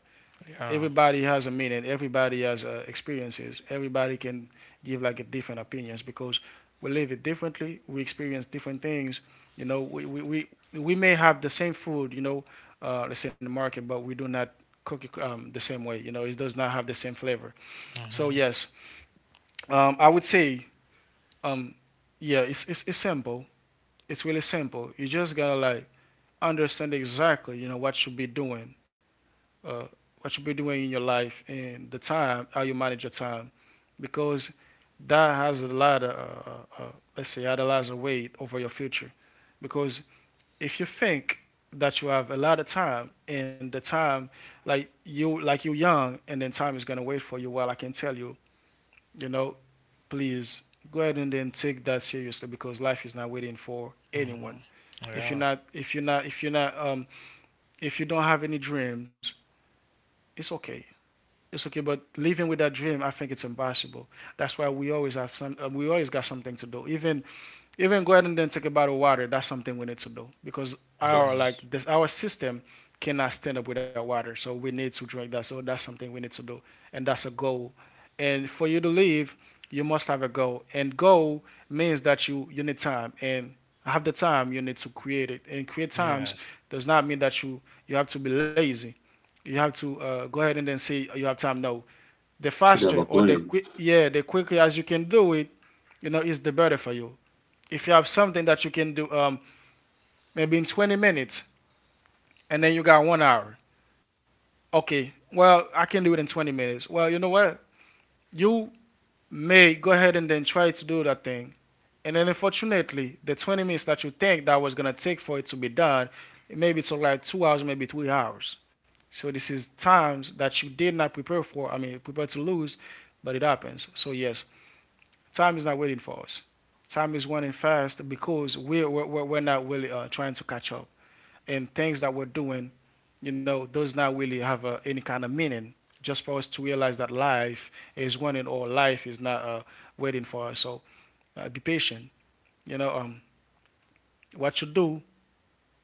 B: Yeah.
A: Everybody has a meaning, everybody has uh, experiences, everybody can give like a different opinions, because we live it differently, we experience different things. You know, we we, we, we may have the same food you know uh, let's say, in the market, but we do not cook it um, the same way. you know it does not have the same flavor. So
B: Mhm.
A: yes, um, I would say, um, yeah, it's, it's, it's simple. It's really simple. You just gotta like understand exactly you know what you should be doing, uh, what you be doing in your life, and the time, how you manage your time, because that has a lot of, uh, uh, let's say, had a lot of weight over your future. Because if you think that you have a lot of time and the time, like you, like you're young, and then time is gonna wait for you. Well, I can tell you, you know, please go ahead and then take that seriously, because life is not waiting for anyone.
B: Mhm.
A: If you're
B: Yeah.
A: not, if you're not, if you're not, um, if you don't have any dreams, it's okay. It's okay, but living with that dream, I think it's impossible. That's why we always have some. Uh, we always got something to do, even even go ahead and then take a bottle of water. That's something we need to do because
B: Yeah.
A: our
C: yes,
A: like this our system cannot stand up without water. So we need to drink that. So that's something we need to do, and that's a goal. And for you to live, you must have a goal. And goal means that you you need time, and have the time you need to create it. And create times
B: Yes.
A: does not mean that you you have to be lazy. You have to uh, go ahead and then say you have time. No, the
C: should have
A: faster
C: a
A: or the
C: plan.
A: quick yeah the quicker as you can do it, you know, is the better for you if you have something that you can do, um, maybe in twenty minutes, and then you got one hour. Okay, well, I can do it in twenty minutes. Well, you know what, you may go ahead and then try to do that thing, and then unfortunately the twenty minutes that you think that was going to take for it to be done, maybe it's like two hours, maybe three hours. So this is times that you did not prepare for, I mean prepare to lose, but it happens. So yes, time is not waiting for us. Time is running fast because we're, we're, we're not really uh, trying to catch up, and things that we're doing, you know, does not really have uh, any kind of meaning. Just for us to realize that life is one and all. Life is not uh, waiting for us. So uh, be patient. You know, um, what you do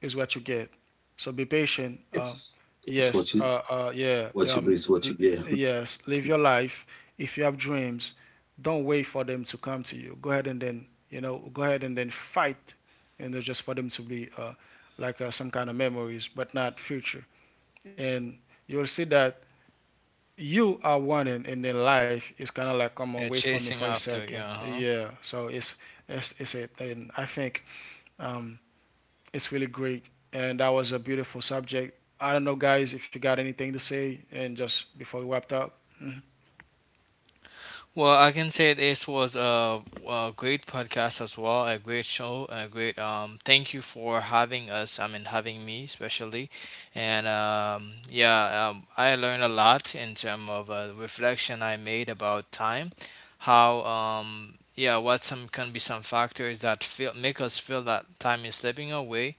A: is what you get. So be patient. Uh,
C: Yes, that's what
A: yes.
C: you
A: Uh, uh, yeah.
C: what you do
A: Um,
C: is what you get. <laughs>
A: yes. Live your life. If you have dreams, don't wait for them to come to you. Go ahead and then, you know, go ahead and then fight, and, you know, just for them to be uh, like, uh, some kind of memories, but not future, and you'll see that you are wanting and then life is kind of like, come on,
B: Yeah.
A: wait for me
B: Chasing
A: for a
B: after.
A: second.
B: Yeah. Huh?
A: Yeah, so it's it's, it's it. And I think, um, it's really great, and that was a beautiful subject. I don't know, guys, if you got anything to say and just before we wrapped up.
B: Well, I can say this was a, a great podcast as well, a great show, a great um. Thank you for having us. I mean, having me especially, and um, yeah, um, I learned a lot in terms of uh, reflection I made about time, how um, yeah, what some can be some factors that feel make us feel that time is slipping away,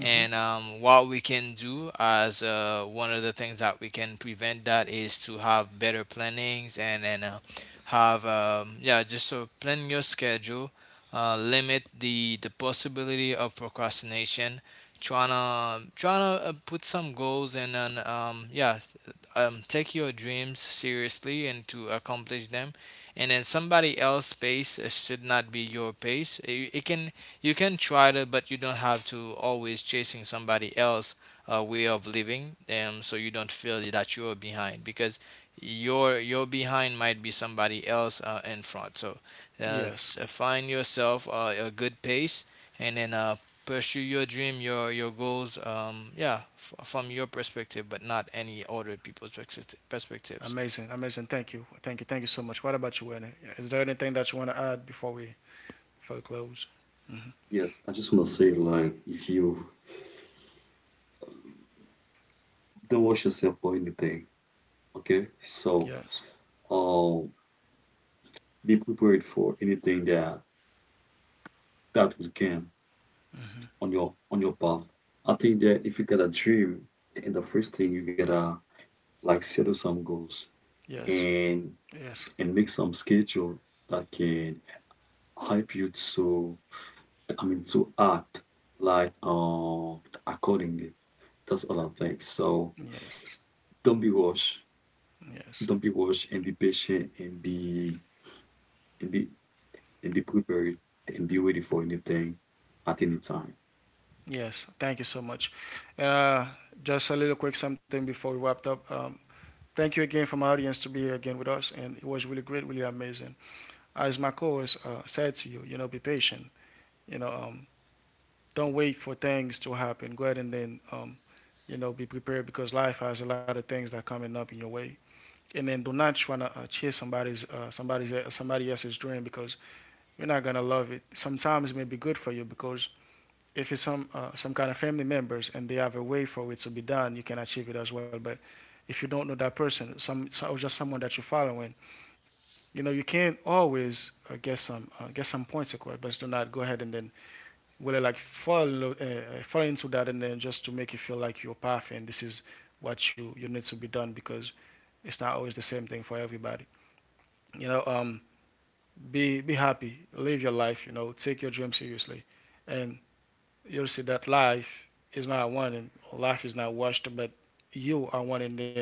A: Hmm.
B: and um, what we can do as uh, one of the things that we can prevent that is to have better plannings and and uh, have um, yeah, just so plan your schedule, uh, limit the the possibility of procrastination, trying to trying to uh, put some goals, and then um, yeah, um, take your dreams seriously and to accomplish them. And then somebody else's pace uh, should not be your pace. it, it can, you can try to, but you don't have to always chasing somebody else uh, way of living, um, so you don't feel that you're behind, because your your behind might be somebody else uh, in front. So uh,
A: Yes.
B: s- find yourself uh, a good pace, and then uh, pursue your dream, your your goals. Um, yeah, f- from your perspective, but not any other people's perspecti- perspectives.
A: Amazing, amazing. Thank you, thank you, thank you so much. What about you, Werner? Is there anything that you want to add before we, before we close?
C: Yes, I just want to say like if you don't watch yourself for anything. Okay, so
A: Yes.
C: uh, be prepared for anything that that will come on your on your path. I think that if you got a dream, and the first thing you gotta like settle some goals
A: Yes.
C: and
A: Yes.
C: and make some schedule that can help you to I mean to act like uh accordingly. That's all I think. So
A: Yes.
C: don't be rushed.
A: Yes.
C: Don't be rushed and be patient and be and be and be prepared and be ready for anything at any time.
A: Yes, thank you so much. Uh, just a little quick something before we wrapped up. Um, thank you again from our audience to be here again with us, and it was really great, really amazing. As my co-host uh, said to you, you know, be patient. You know, um, don't wait for things to happen. Go ahead and then, um, you know, be prepared because life has a lot of things that are coming up in your way. And then do not try to uh, chase somebody's uh, somebody's somebody else's dream because you're not gonna love it. Sometimes it may be good for you because if it's some uh, some kind of family members and they have a way for it to be done, you can achieve it as well. But if you don't know that person, some so- or just someone that you're following, you know, you can't always uh, get some uh, get some points acquired. But do not go ahead and then really like fall uh, fall into that and then just to make you feel like you're perfect. And this is what you you need to be done because it's not always the same thing for everybody. You know, um, be be happy, live your life. You know, take your dream seriously, and you'll see that life is not one and life is not washed, but you are one and then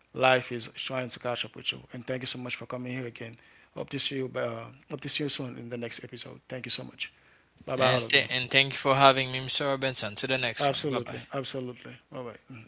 A: life is trying to catch up with you. And thank you so much for coming here again. Hope to see you uh, hope to see you soon in the next episode. Thank you so much. Bye bye,
B: And
A: all of you.
B: th- and thank you for having me, mister Robinson. To the next one. Bye bye.
A: Absolutely. Absolutely. All right. Mhm.